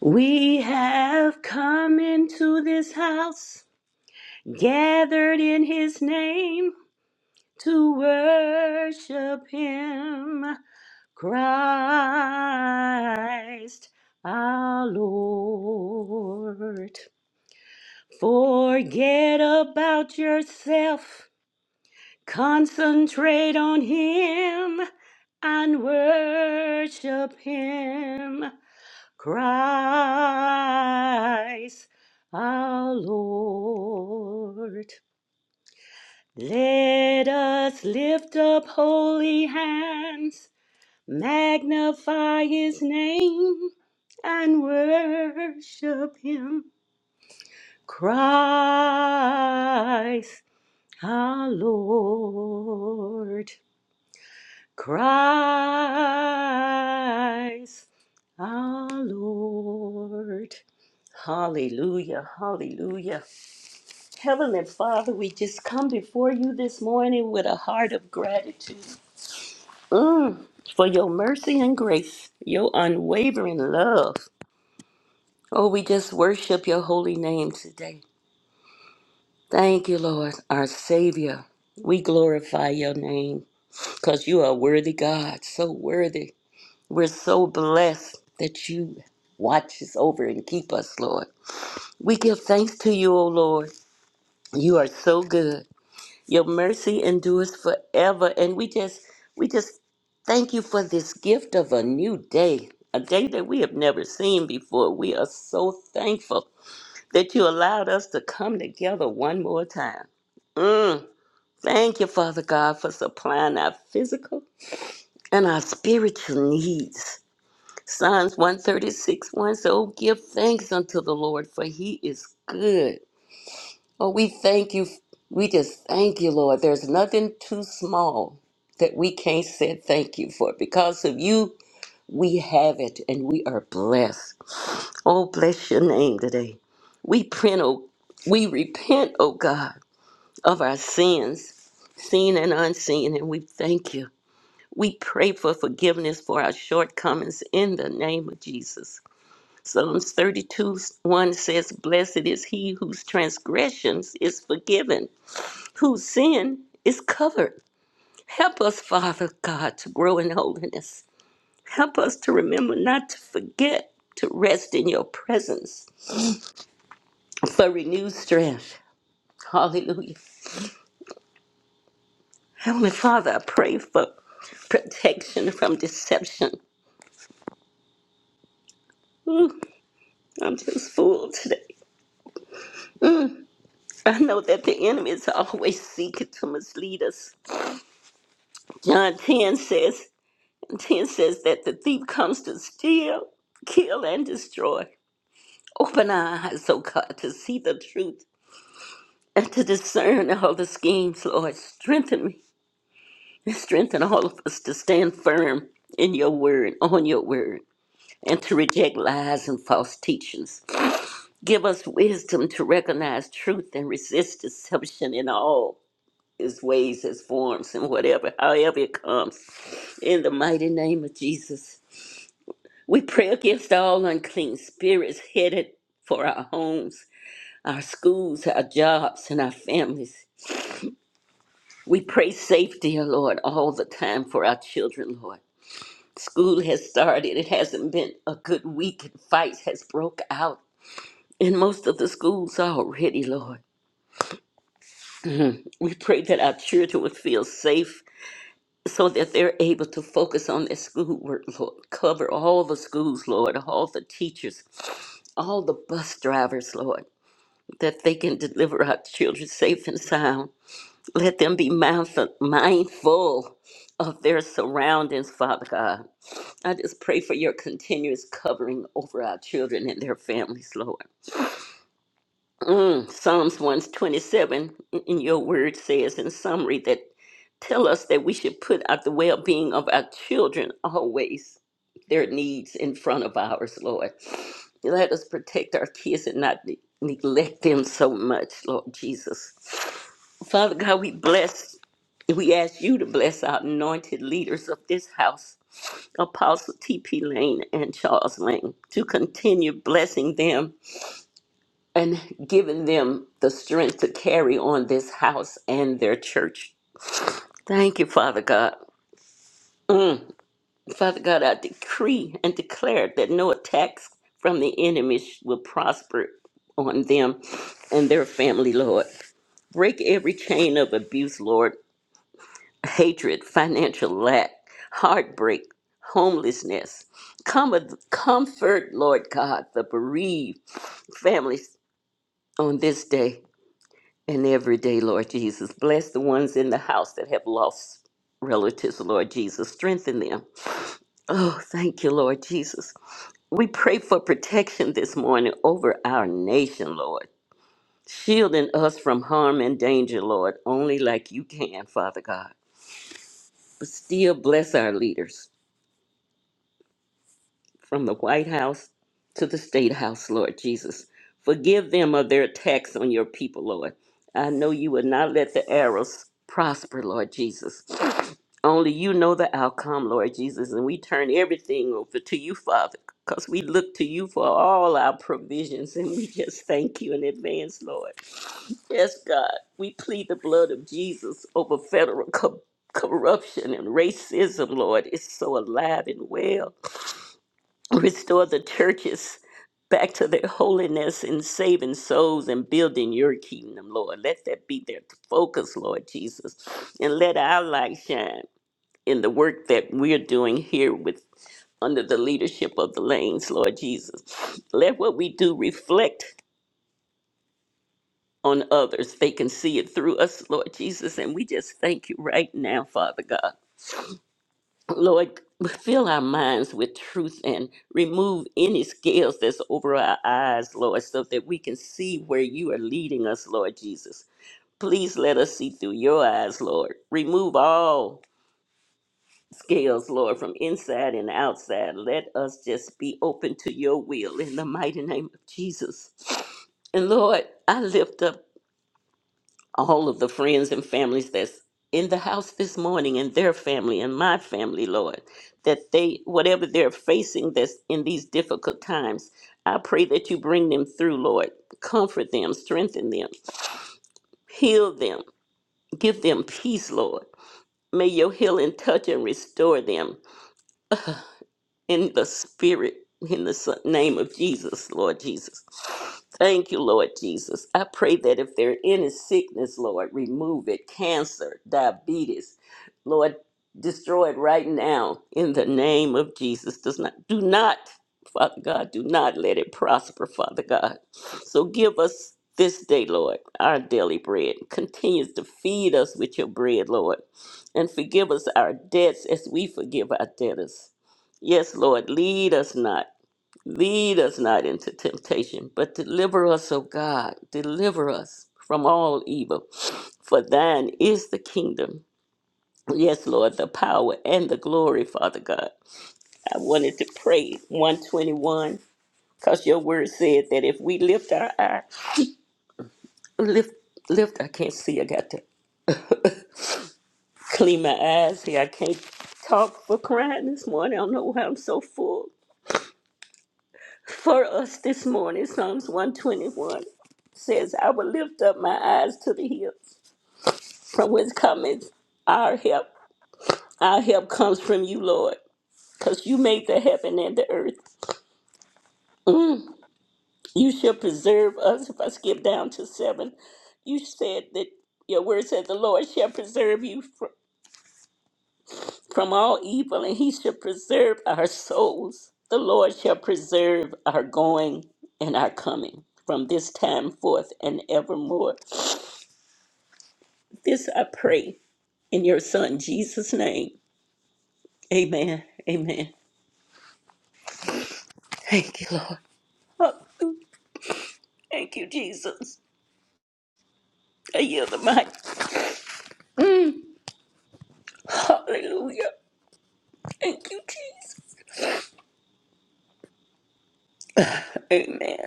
[SPEAKER 6] We have come into this house, gathered in his name to worship him, Christ our Lord. Forget about yourself, concentrate on him and worship him. Christ our Lord. Let us lift up holy hands, magnify his name, and worship him. Christ our Lord. Christ our Lord. Hallelujah, hallelujah. Heavenly Father, we just come before you this morning with a heart of gratitude Mm, for your mercy and grace, your unwavering love. Oh, we just worship your holy name today. Thank you, Lord, our Savior. We glorify your name because you are a worthy God, so worthy. We're so blessed that you watch us over and keep us, Lord. We give thanks to you, O Lord. You are so good. Your mercy endures forever. And we just we just thank you for this gift of a new day, a day that we have never seen before. We are so thankful that you allowed us to come together one more time. Mm. Thank you, Father God, for supplying our physical and our spiritual needs. Psalms 136 1 So give thanks unto the Lord, for he is good. Oh, we thank you. We just thank you, Lord. There's nothing too small that we can't say thank you for. Because of you, we have it and we are blessed. Oh, bless your name today. We print, oh, we repent, oh God, of our sins, seen and unseen, and we thank you. We pray for forgiveness for our shortcomings in the name of Jesus. Psalms 32 1 says, Blessed is he whose transgressions is forgiven whose sin is covered. Help us, Father God, to grow in holiness. Help us to remember not to forget to rest in your presence for renewed strength. Hallelujah. Heavenly Father, I pray for protection from deception. Ooh, I'm just full today. I know that the enemy is always seeking to mislead us. John 10 says, 10 says that the thief comes to steal, kill, and destroy. Open our eyes, O God, to see the truth and to discern all the schemes, Lord. Strengthen me and strengthen all of us to stand firm in your word, on your word, and to reject lies and false teachings. Give us wisdom to recognize truth and resist deception in all its ways, its forms, and whatever, however it comes. In the mighty name of Jesus, we pray against all unclean spirits headed for our homes our schools, our jobs, and our families. We pray safety, oh Lord, all the time for our children, Lord. School has started. It hasn't been a good week, and fights has broke out in most of the schools already, Lord. Mhm. We pray that our children would feel safe so that they're able to focus on their schoolwork, Lord. Cover all the schools, Lord, all the teachers, all the bus drivers, Lord, that they can deliver our children safe and sound. Let them be mindful, mindful of their surroundings, Father God. I just pray for your continuous covering over our children and their families, Lord. Mm, Psalms 127, in your word says in summary that tell us that we should put out the well-being of our children always their needs in front of ours, Lord. Let us protect our kids and not ne- neglect them so much, Lord Jesus. Father God, we bless, we ask you to bless our anointed leaders of this house, Apostle T.P. Lane and Charles Lane, to continue blessing them and giving them the strength to carry on this house and their church. Thank you, Father God. Mm. Father God, I decree and declare that no attacks from the enemy sh- will prosper on them and their family, Lord. Break every chain of abuse, Lord. Hatred, financial lack, heartbreak, homelessness. Come, comfort, Lord God, the bereaved families on this day. and every day, Lord Jesus. Bless the ones in the house that have lost relatives, Lord Jesus. Strengthen them. Oh, thank you, Lord Jesus. We pray for protection this morning over our nation, Lord. Shielding us from harm and danger, Lord, only like you can, Father God. But still bless our leaders from the White House to the State House, Lord Jesus. Forgive them of their attacks on your people, Lord. I know you will not let the arrows prosper, Lord Jesus. Only you know the outcome, Lord Jesus, and we turn everything over to you, Father, because we look to you for all our provisions, and we just thank you in advance, Lord. Yes, God, we plead the blood of Jesus over federal co- corruption and racism, Lord. It's so alive and well. Restore the churches back to their holiness and saving souls and building your kingdom, Lord. Let that be their focus, Lord Jesus, and let our light shine in the work that we're doing here with under the leadership of the lanes, Lord Jesus. Let what we do reflect on others. They can see it through us, Lord Jesus. And we just thank you right now, Father God. Lord, fill our minds with truth and remove any scales that's over our eyes, Lord, so that we can see where you are leading us, Lord Jesus. Please let us see through your eyes, Lord. Remove all scales, Lord, from inside and outside. Let us just be open to your will in the mighty name of Jesus. And Lord, I lift up all of the friends and families that's in the house this morning and their family and my family, Lord, that they, whatever they're facing this in these difficult times, I pray that you bring them through, Lord. Comfort them, strengthen them, heal them, give them peace, Lord. May your healing touch and restore them in the spirit in the s- name of Jesus, Lord Jesus. Thank you, Lord Jesus. I pray that if there are any sickness, Lord, remove it. Cancer, diabetes, Lord, destroy it right now in the name of Jesus. Does not do not, Father God, do not let it prosper, Father God. So give us this day, Lord, our daily bread. Continues to feed us with your bread, Lord. And forgive us our debts as we forgive our debtors Yes, Lord, lead us not. Lead us not into temptation, but deliver us, O God. Deliver us from all evil. For thine is the kingdom. Yes, Lord, the power and the glory, Father God. I wanted to pray 121 because your word said that if we lift our eye, lift, lift, I can't see. I got to clean my eyes here. I can't talk for crying this morning. I don't know why I'm so full. for us this morning, Psalms 121 says, I will lift up my eyes to the hills, from whence cometh our help. Our help comes from you, Lord, because you made the heaven and the earth. You shall preserve us. If I skip down to seven, you said that your word said, The Lord shall preserve you fr- from all evil, and he shall preserve our souls. The Lord shall preserve our going and our coming from this time forth and evermore. This I pray in your son Jesus' name. Amen. Amen. Thank you, Lord. Hallelujah. Thank you, Jesus. I yield the mic. Hallelujah. Thank you, Jesus. Amen.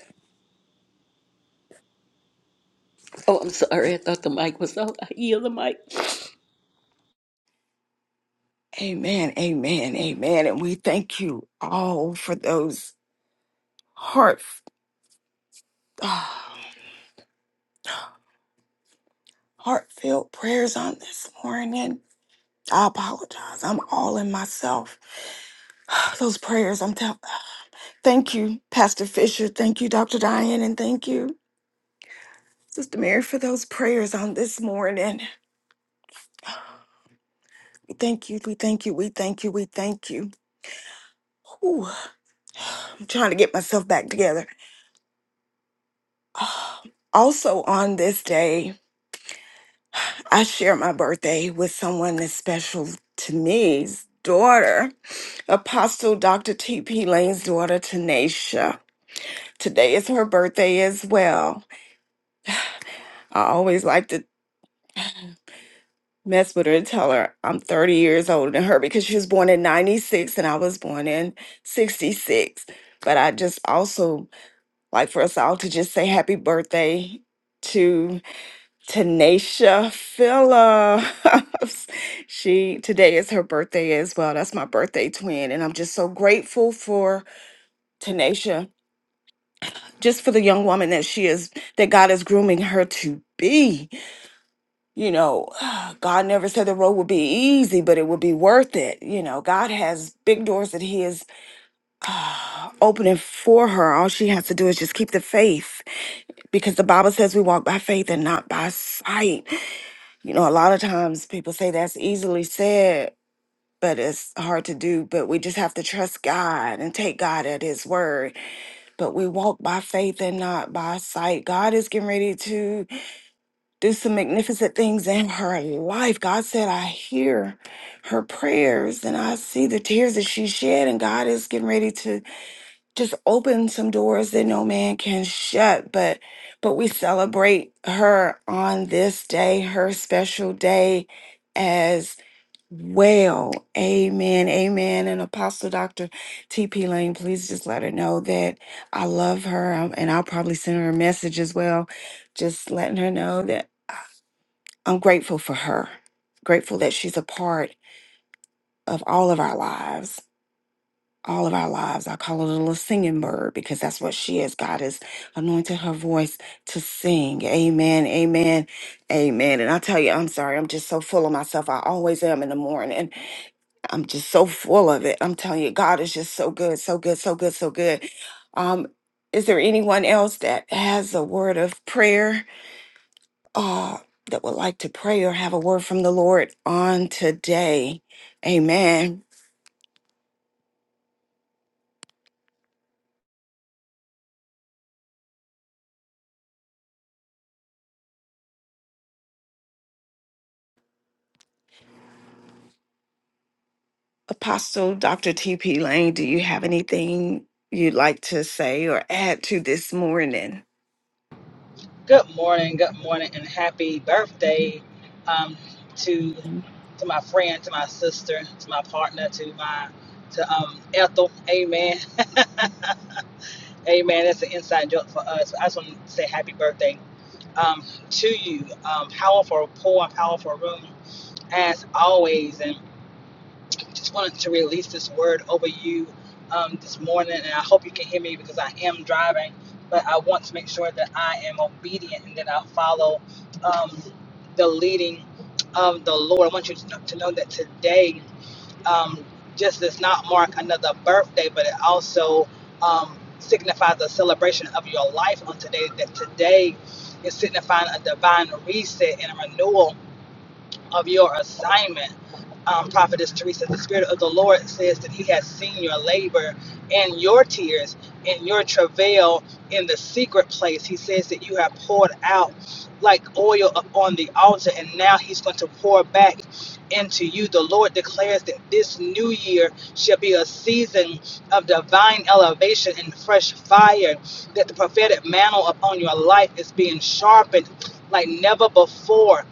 [SPEAKER 6] Oh, I'm sorry. I thought the mic was off. I yield the mic.
[SPEAKER 2] Amen. Amen. Amen. And we thank you all for those heart ah, heartfelt prayers on this morning. I apologize. I'm all in myself. Those prayers, I'm telling. Thank you, Pastor Fisher. Thank you, Dr. Diane, and thank you. Sister Mary, for those prayers on this morning. We thank you, we thank you, we thank you, we thank you. Whew, I'm trying to get myself back together. Ah, Also, on this day, I share my birthday with someone that's special to me's daughter, Apostle Dr. T.P. Lane's daughter, Tanisha. Today is her birthday as well. I always like to mess with her and tell her I'm 30 years older than her because she was born in 96 and I was born in 66. But I just also like for us all to just say happy birthday to Tanisha Phillips. she today is her birthday as well. That's my birthday twin. And I'm just so grateful for Tanisha, just for the young woman that she is, that God is grooming her to be. you know, God never said the road would be easy, but it would be worth it. You know, God has big doors that He is uh, opening for her. All she has to do is just keep the faith because the Bible says we walk by faith and not by sight. You know, a lot of times people say that's easily said. But it's hard to do, but we just have to trust God and take God at His word. But we walk by faith and not by sight. God is getting ready to do some magnificent things in her life. God said, I hear her prayers and I see the tears that she shed, and God is getting ready to just open some doors that no man can shut. But but we celebrate her on this day, her special day as well. Amen. Amen. And Apostle Dr. TP Lane, please just let her know that I love her. um, And I'll probably send her a message as well, just letting her know that. I'm grateful for her, grateful that she's a part of all of our lives. All of our lives. I call her the little singing bird because that's what she is. God has anointed her voice to sing. Amen. Amen. Amen. And I tell you, I'm sorry. I'm just so full of myself. I always am in the morning. I'm just so full of it. I'm telling you, God is just so good, so good, so good, so good. Um, is there anyone else that has a word of prayer? uh, that would like to pray or have a word from the Lord on today. Amen. Apostle Dr. T.P. Lane, do you have anything you'd like to say or add to this morning?
[SPEAKER 7] Good morning, good morning, and happy birthday um, to to my friend, to my sister, to my partner, to my to um, Ethel. Amen. Amen. That's an inside joke for us. I just want to say happy birthday um, to you. Um, powerful pour, powerful room as always. And just wanted to release this word over you um, this morning, and I hope you can hear me because I am driving. But I want to make sure that I am obedient and that I follow um, the leading of the Lord. I want you to know, to know that today um, just does not mark another birthday, but it also um, signifies a celebration of your life on today. That today is signifying a divine reset and a renewal of your assignment. Um, Prophetess Teresa, the Spirit of the Lord says that He has seen your labor and your tears and your travail in the secret place. He says that you have poured out like oil upon the altar, and now He's going to pour back into you. The Lord declares that this new year shall be a season of divine elevation and fresh fire, that the prophetic mantle upon your life is being sharpened like never before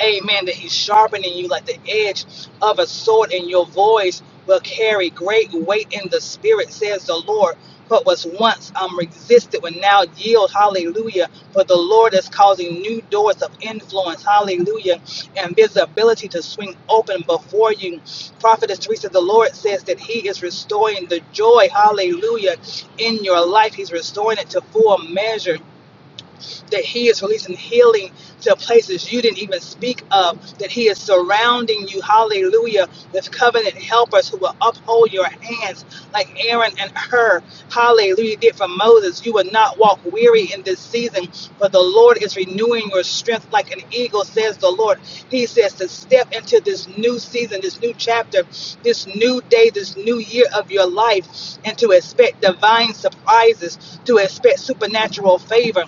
[SPEAKER 7] Amen. That he's sharpening you like the edge of a sword, and your voice will carry great weight in the spirit, says the Lord. What was once um, resisted will now yield. Hallelujah. For the Lord is causing new doors of influence. Hallelujah. And visibility to swing open before you. Prophetess Teresa, the Lord says that He is restoring the joy. Hallelujah. In your life, He's restoring it to full measure that He is releasing healing to places you didn't even speak of, that He is surrounding you, hallelujah, with covenant helpers who will uphold your hands like Aaron and Hur, hallelujah, did for Moses. You will not walk weary in this season, but the Lord is renewing your strength like an eagle, says the Lord. He says to step into this new season, this new chapter, this new day, this new year of your life, and to expect divine surprises, to expect supernatural favor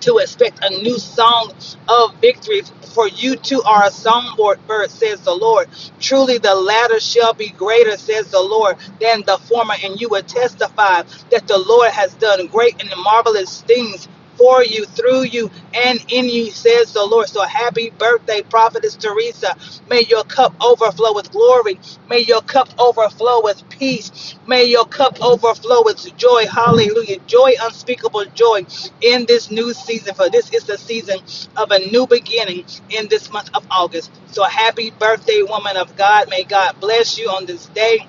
[SPEAKER 7] to expect a new song of victory, for you too are a songbird, says the Lord. Truly, the latter shall be greater, says the Lord, than the former, and you will testify that the Lord has done great and marvelous things for you, through you, and in you, says the Lord. So happy birthday, Prophetess Teresa. May your cup overflow with glory. May your cup overflow with peace. May your cup overflow with joy. Hallelujah. Joy, unspeakable joy in this new season for this is the season of a new beginning in this month of August. So happy birthday, woman of God. May God bless you on this day.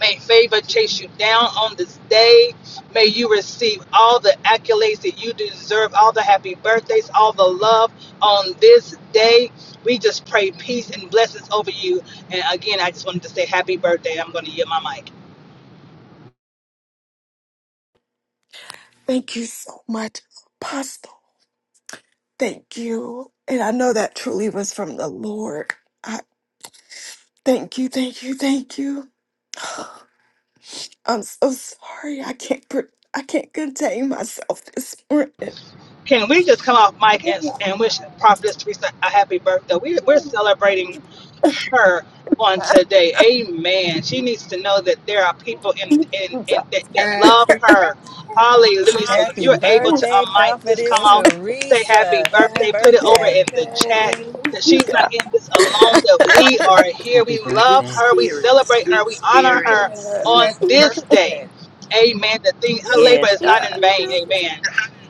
[SPEAKER 7] May favor chase you down on this day. May you receive all the accolades that you deserve, all the happy birthdays, all the love on this day. We just pray peace and blessings over you. And again, I just wanted to say happy birthday. I'm going to yield my mic.
[SPEAKER 2] Thank you so much, Apostle. Thank you. And I know that truly was from the Lord. I thank you, thank you, thank you. I'm so sorry. I can't pr I can't contain myself this morning.
[SPEAKER 7] Can we just come off mic and,
[SPEAKER 2] Ooh,
[SPEAKER 7] and wish Prophetess Teresa a happy birthday? We, we're celebrating her on today. Amen. She needs to know that there are people in, in, in that, that love
[SPEAKER 4] Happy
[SPEAKER 7] her.
[SPEAKER 4] birthday.
[SPEAKER 7] Hallelujah. So if
[SPEAKER 1] Happy
[SPEAKER 7] you're able to
[SPEAKER 6] Happy
[SPEAKER 1] birthday,
[SPEAKER 7] unmic, just come
[SPEAKER 1] Prophetess
[SPEAKER 6] birthday.
[SPEAKER 7] out, say happy
[SPEAKER 1] Teresa. Happy
[SPEAKER 7] birthday, put
[SPEAKER 4] Happy
[SPEAKER 7] it
[SPEAKER 2] Woo!
[SPEAKER 7] over
[SPEAKER 1] birthday.
[SPEAKER 7] in the chat
[SPEAKER 4] birthday.
[SPEAKER 2] Thank
[SPEAKER 7] that
[SPEAKER 2] you,
[SPEAKER 7] she's
[SPEAKER 2] God.
[SPEAKER 7] not in this alone, that we are here. We
[SPEAKER 5] Happy
[SPEAKER 7] love
[SPEAKER 6] Sweet
[SPEAKER 5] birthday.
[SPEAKER 7] her. We
[SPEAKER 6] spirit,
[SPEAKER 7] celebrate her.
[SPEAKER 6] sweet
[SPEAKER 7] We
[SPEAKER 2] Thank
[SPEAKER 7] honor
[SPEAKER 2] you,
[SPEAKER 6] spirit,
[SPEAKER 7] her
[SPEAKER 2] God.
[SPEAKER 7] on
[SPEAKER 6] sweet
[SPEAKER 4] Happy
[SPEAKER 6] spirit.
[SPEAKER 7] this day.
[SPEAKER 4] birthday.
[SPEAKER 7] Amen. The thing her labor
[SPEAKER 6] Yes,
[SPEAKER 7] is not
[SPEAKER 6] God.
[SPEAKER 7] in vain. Amen.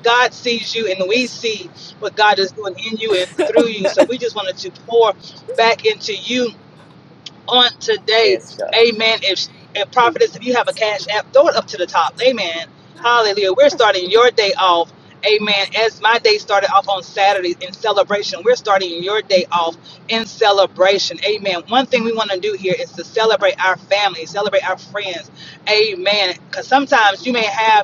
[SPEAKER 7] God sees you and we see what God is doing in you and through you. So we just wanted to pour back into you on today.
[SPEAKER 6] Yes, God.
[SPEAKER 7] Amen. If and prophetess, if you have a cash app, throw it up to the top. Amen. Hallelujah. We're starting your day off. Amen. As my day started off on Saturday in celebration, we're starting your day off in celebration. Amen. One thing we want to do here is to celebrate our family, celebrate our friends. Amen. Because sometimes you may have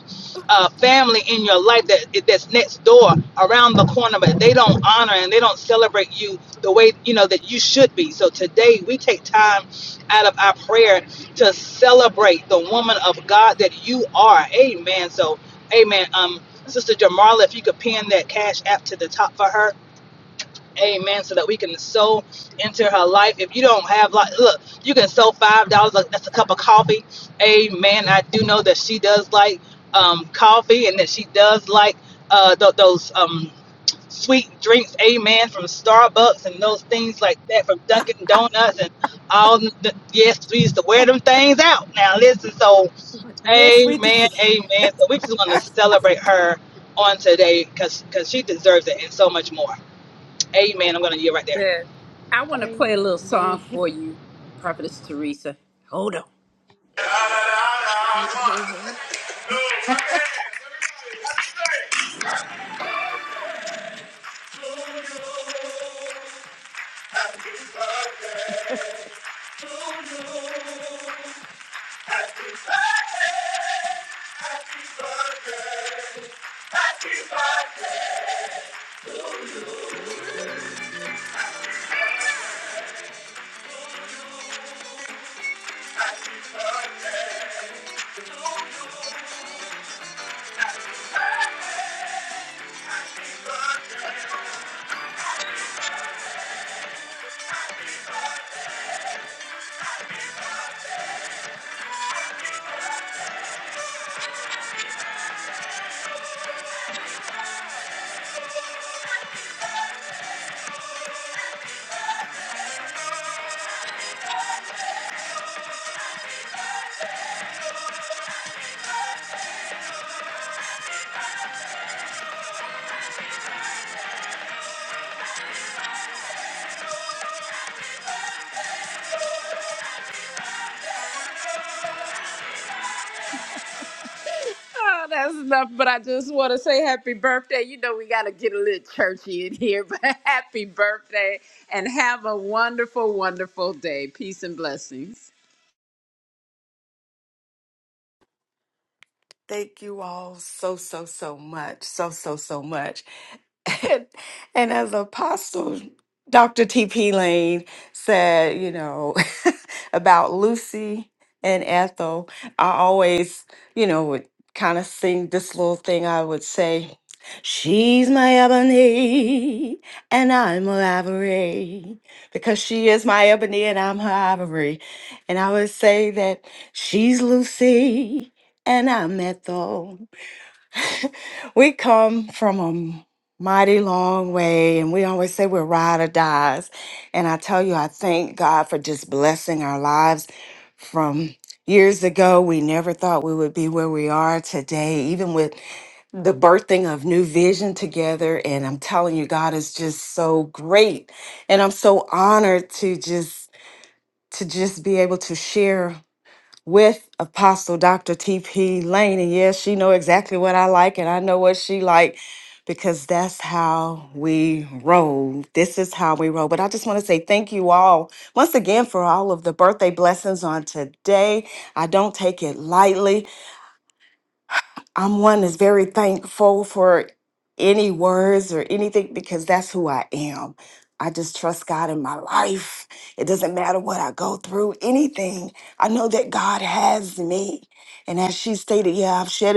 [SPEAKER 7] uh, family in your life that that's next door, around the corner, but they don't honor and they don't celebrate you the way you know that you should be. So today we take time out of our prayer to celebrate the woman of God that you are. Amen. So, Amen. Um, Sister Jamarla, if you could pin that cash app to the top for her, Amen. So that we can sow into her life. If you don't have like look, you can sow five dollars, like, that's a cup of coffee. Amen. I do know that she does like um coffee and that she does like uh th- those um sweet drinks, amen, from Starbucks and those things like that, from Dunkin' Donuts and all the, yes, we used to wear them things out. Now listen, so amen, amen. So we just want to celebrate her on today because because she deserves it and so much more. Amen. I'm gonna yield right there.
[SPEAKER 4] Yeah. I want to play a little song for you, Prophetess Teresa. Hold on. Oh, that's enough, but I just want to say happy birthday. You know, we got to get a little churchy in here, but happy birthday and have a wonderful, wonderful day. Peace and blessings.
[SPEAKER 2] Thank you all so, so, so much. So, so, so much. And, and as Apostle Dr. T.P. Lane said, you know, about Lucy and Ethel, I always, you know, would kind of sing this little thing I would say. She's my ebony and I'm her ivory because she is my ebony and I'm her ivory. And I would say that she's Lucy and I met though. we come from a mighty long way, and we always say we're ride or dies. And I tell you, I thank God for just blessing our lives from years ago. We never thought we would be where we are today, even with the birthing of new vision together. And I'm telling you, God is just so great. And I'm so honored to just to just be able to share with Apostle Dr. TP Lane. And yes, she know exactly what I like and I know what she like because that's how we roll. This is how we roll. But I just want to say thank you all once again for all of the birthday blessings on today. I don't take it lightly. I'm one that's very thankful for any words or anything because that's who I am. I just trust God in my life. It doesn't matter what I go through, anything. I know that God has me. And as she stated, yeah, I've shed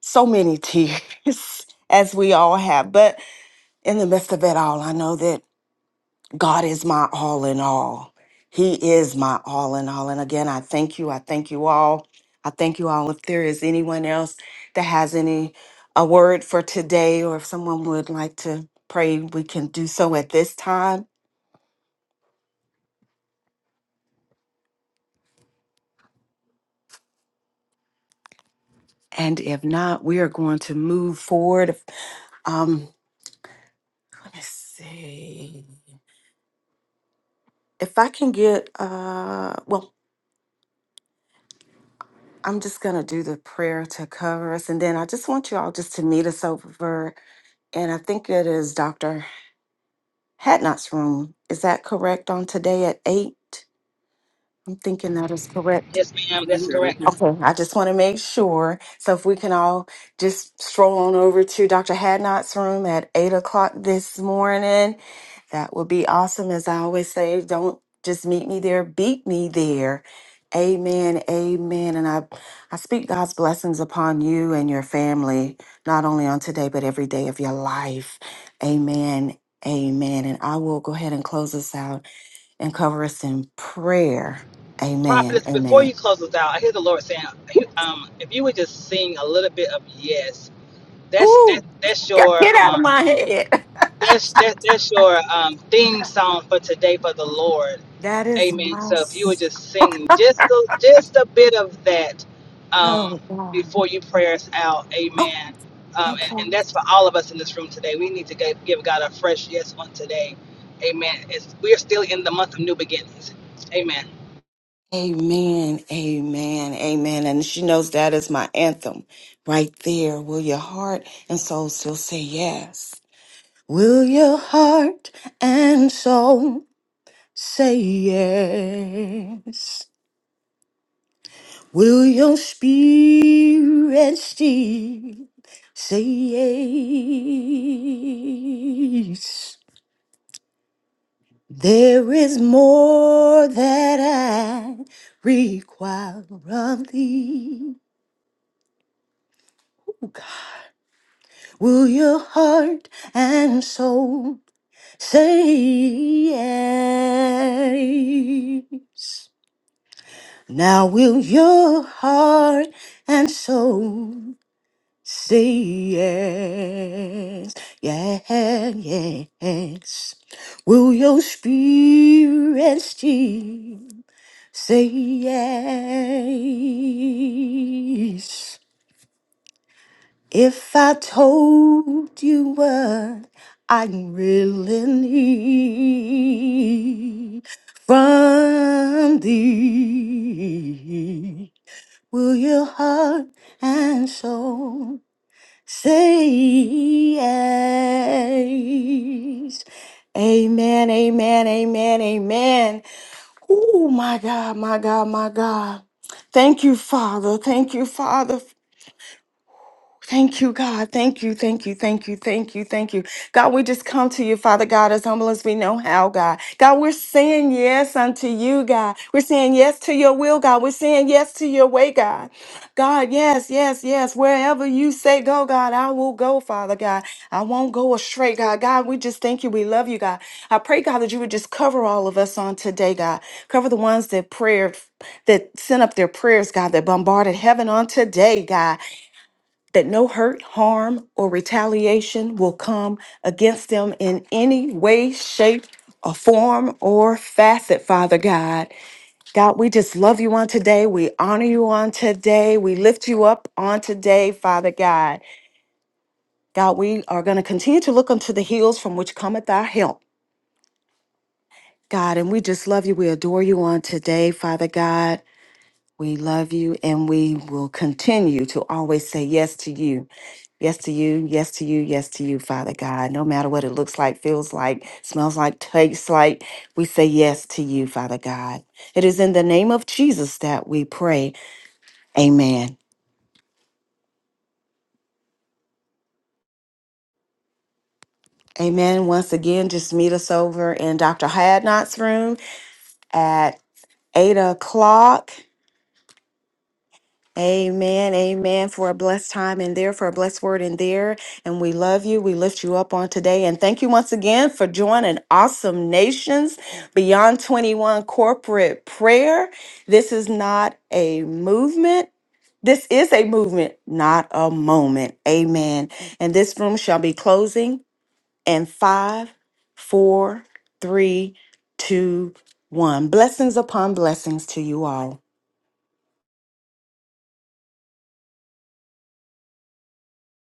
[SPEAKER 2] so many tears, as we all have. But in the midst of it all, I know that. God is my all in all. He is my all in all. And again, I thank you. I thank you all. I thank you all. If there is anyone else that has any a word for today, or if someone would like to pray, we can do so at this time. And if not, we are going to move forward. Um, let me see. If I can get uh well, I'm just gonna do the prayer to cover us, and then I just want you all just to meet us over and I think it is Dr. Hatnot's room. Is that correct on today at 8? I'm thinking that is correct.
[SPEAKER 7] Yes, ma'am. That's
[SPEAKER 6] Yes, God.
[SPEAKER 7] correct.
[SPEAKER 2] Okay, I just want to make sure. So if we can all just stroll on over to Dr. Hadnot's room at eight o'clock this morning, that would be awesome. As I always say, don't just meet me there, beat me there. Amen, amen. And I, I speak God's blessings upon you and your family, not only on today, but every day of your life. Amen, amen. And I will go ahead and close us out and cover us in prayer. Amen,
[SPEAKER 7] Prophetess, before
[SPEAKER 2] amen.
[SPEAKER 7] you close us out, I hear the Lord saying, um, if you would just sing a little bit of yes, that's
[SPEAKER 2] Ooh.
[SPEAKER 7] that that's
[SPEAKER 2] Get
[SPEAKER 7] your
[SPEAKER 2] get out of
[SPEAKER 7] um,
[SPEAKER 2] my head.
[SPEAKER 7] that's that that's your um, theme song for today for the Lord.
[SPEAKER 2] That is
[SPEAKER 7] Amen.
[SPEAKER 2] my.
[SPEAKER 7] So if you would
[SPEAKER 2] s-
[SPEAKER 7] just sing just a, just a bit of that
[SPEAKER 2] Oh,
[SPEAKER 7] um,
[SPEAKER 2] God.
[SPEAKER 7] before you pray us out.
[SPEAKER 2] Oh,
[SPEAKER 7] Amen. Um, and, and
[SPEAKER 2] okay.
[SPEAKER 7] that's for all of us in this room today. We need to give, give God a fresh yes on today. Amen. It's, we are still in the month of new beginnings. Amen.
[SPEAKER 2] Amen, amen, amen. And she knows that is my anthem right there. Will your heart and soul still say yes? Will your heart and soul say yes? Will your spirit still say yes? There is more that I require of thee. Will your heart and soul say yes? Now, will your heart and soul say yes? Yeah, yes. Will your spirit still? Say yes. If I told you what I really need from thee, will your heart and soul say yes? Amen, amen, amen, amen. Oh, my God, my God, my God. Thank you, Father. Thank you, Father, Thank you, God. Thank you, thank you, thank you, thank you, thank you. God, we just come to you, Father God, as humble as we know how, God. God, we're saying yes unto you, God. We're saying yes to your will, God. We're saying yes to your way, God. God, yes, yes, yes. Wherever you say go, God, I will go, Father God. I won't go astray, God. God, we just thank you. We love you, God. I pray, God, that you would just cover all of us on today, God. Cover the ones that prayed, that sent up their prayers, God, that bombarded heaven on today, God that no hurt, harm, or retaliation will come against them in any way, shape, or form or facet, Father God. God, we just love you on today. We honor you on today. We lift you up on today, Father God. God, we are going to continue to look unto the hills from which cometh our help. God, and we just love you. We adore you on today, Father God. We love you and we will continue to always say yes to you. Yes to you, yes to you, yes to you, Father God. No matter what it looks like, feels like, smells like, tastes like, we say yes to you, Father God. It is in the name of Jesus that we pray. Amen. Amen. Once again, just meet us over in Dr. Hadnot's room at 8 o'clock Amen. Amen. For a blessed time in there, for a blessed word in there. And we love you. We lift you up on today. And thank you once again for joining Awesome Nations Beyond 21 Corporate Prayer. This is not a movement. This is a movement, not a moment. Amen. And this room shall be closing in five, four, three, two, one. Blessings upon blessings to you all.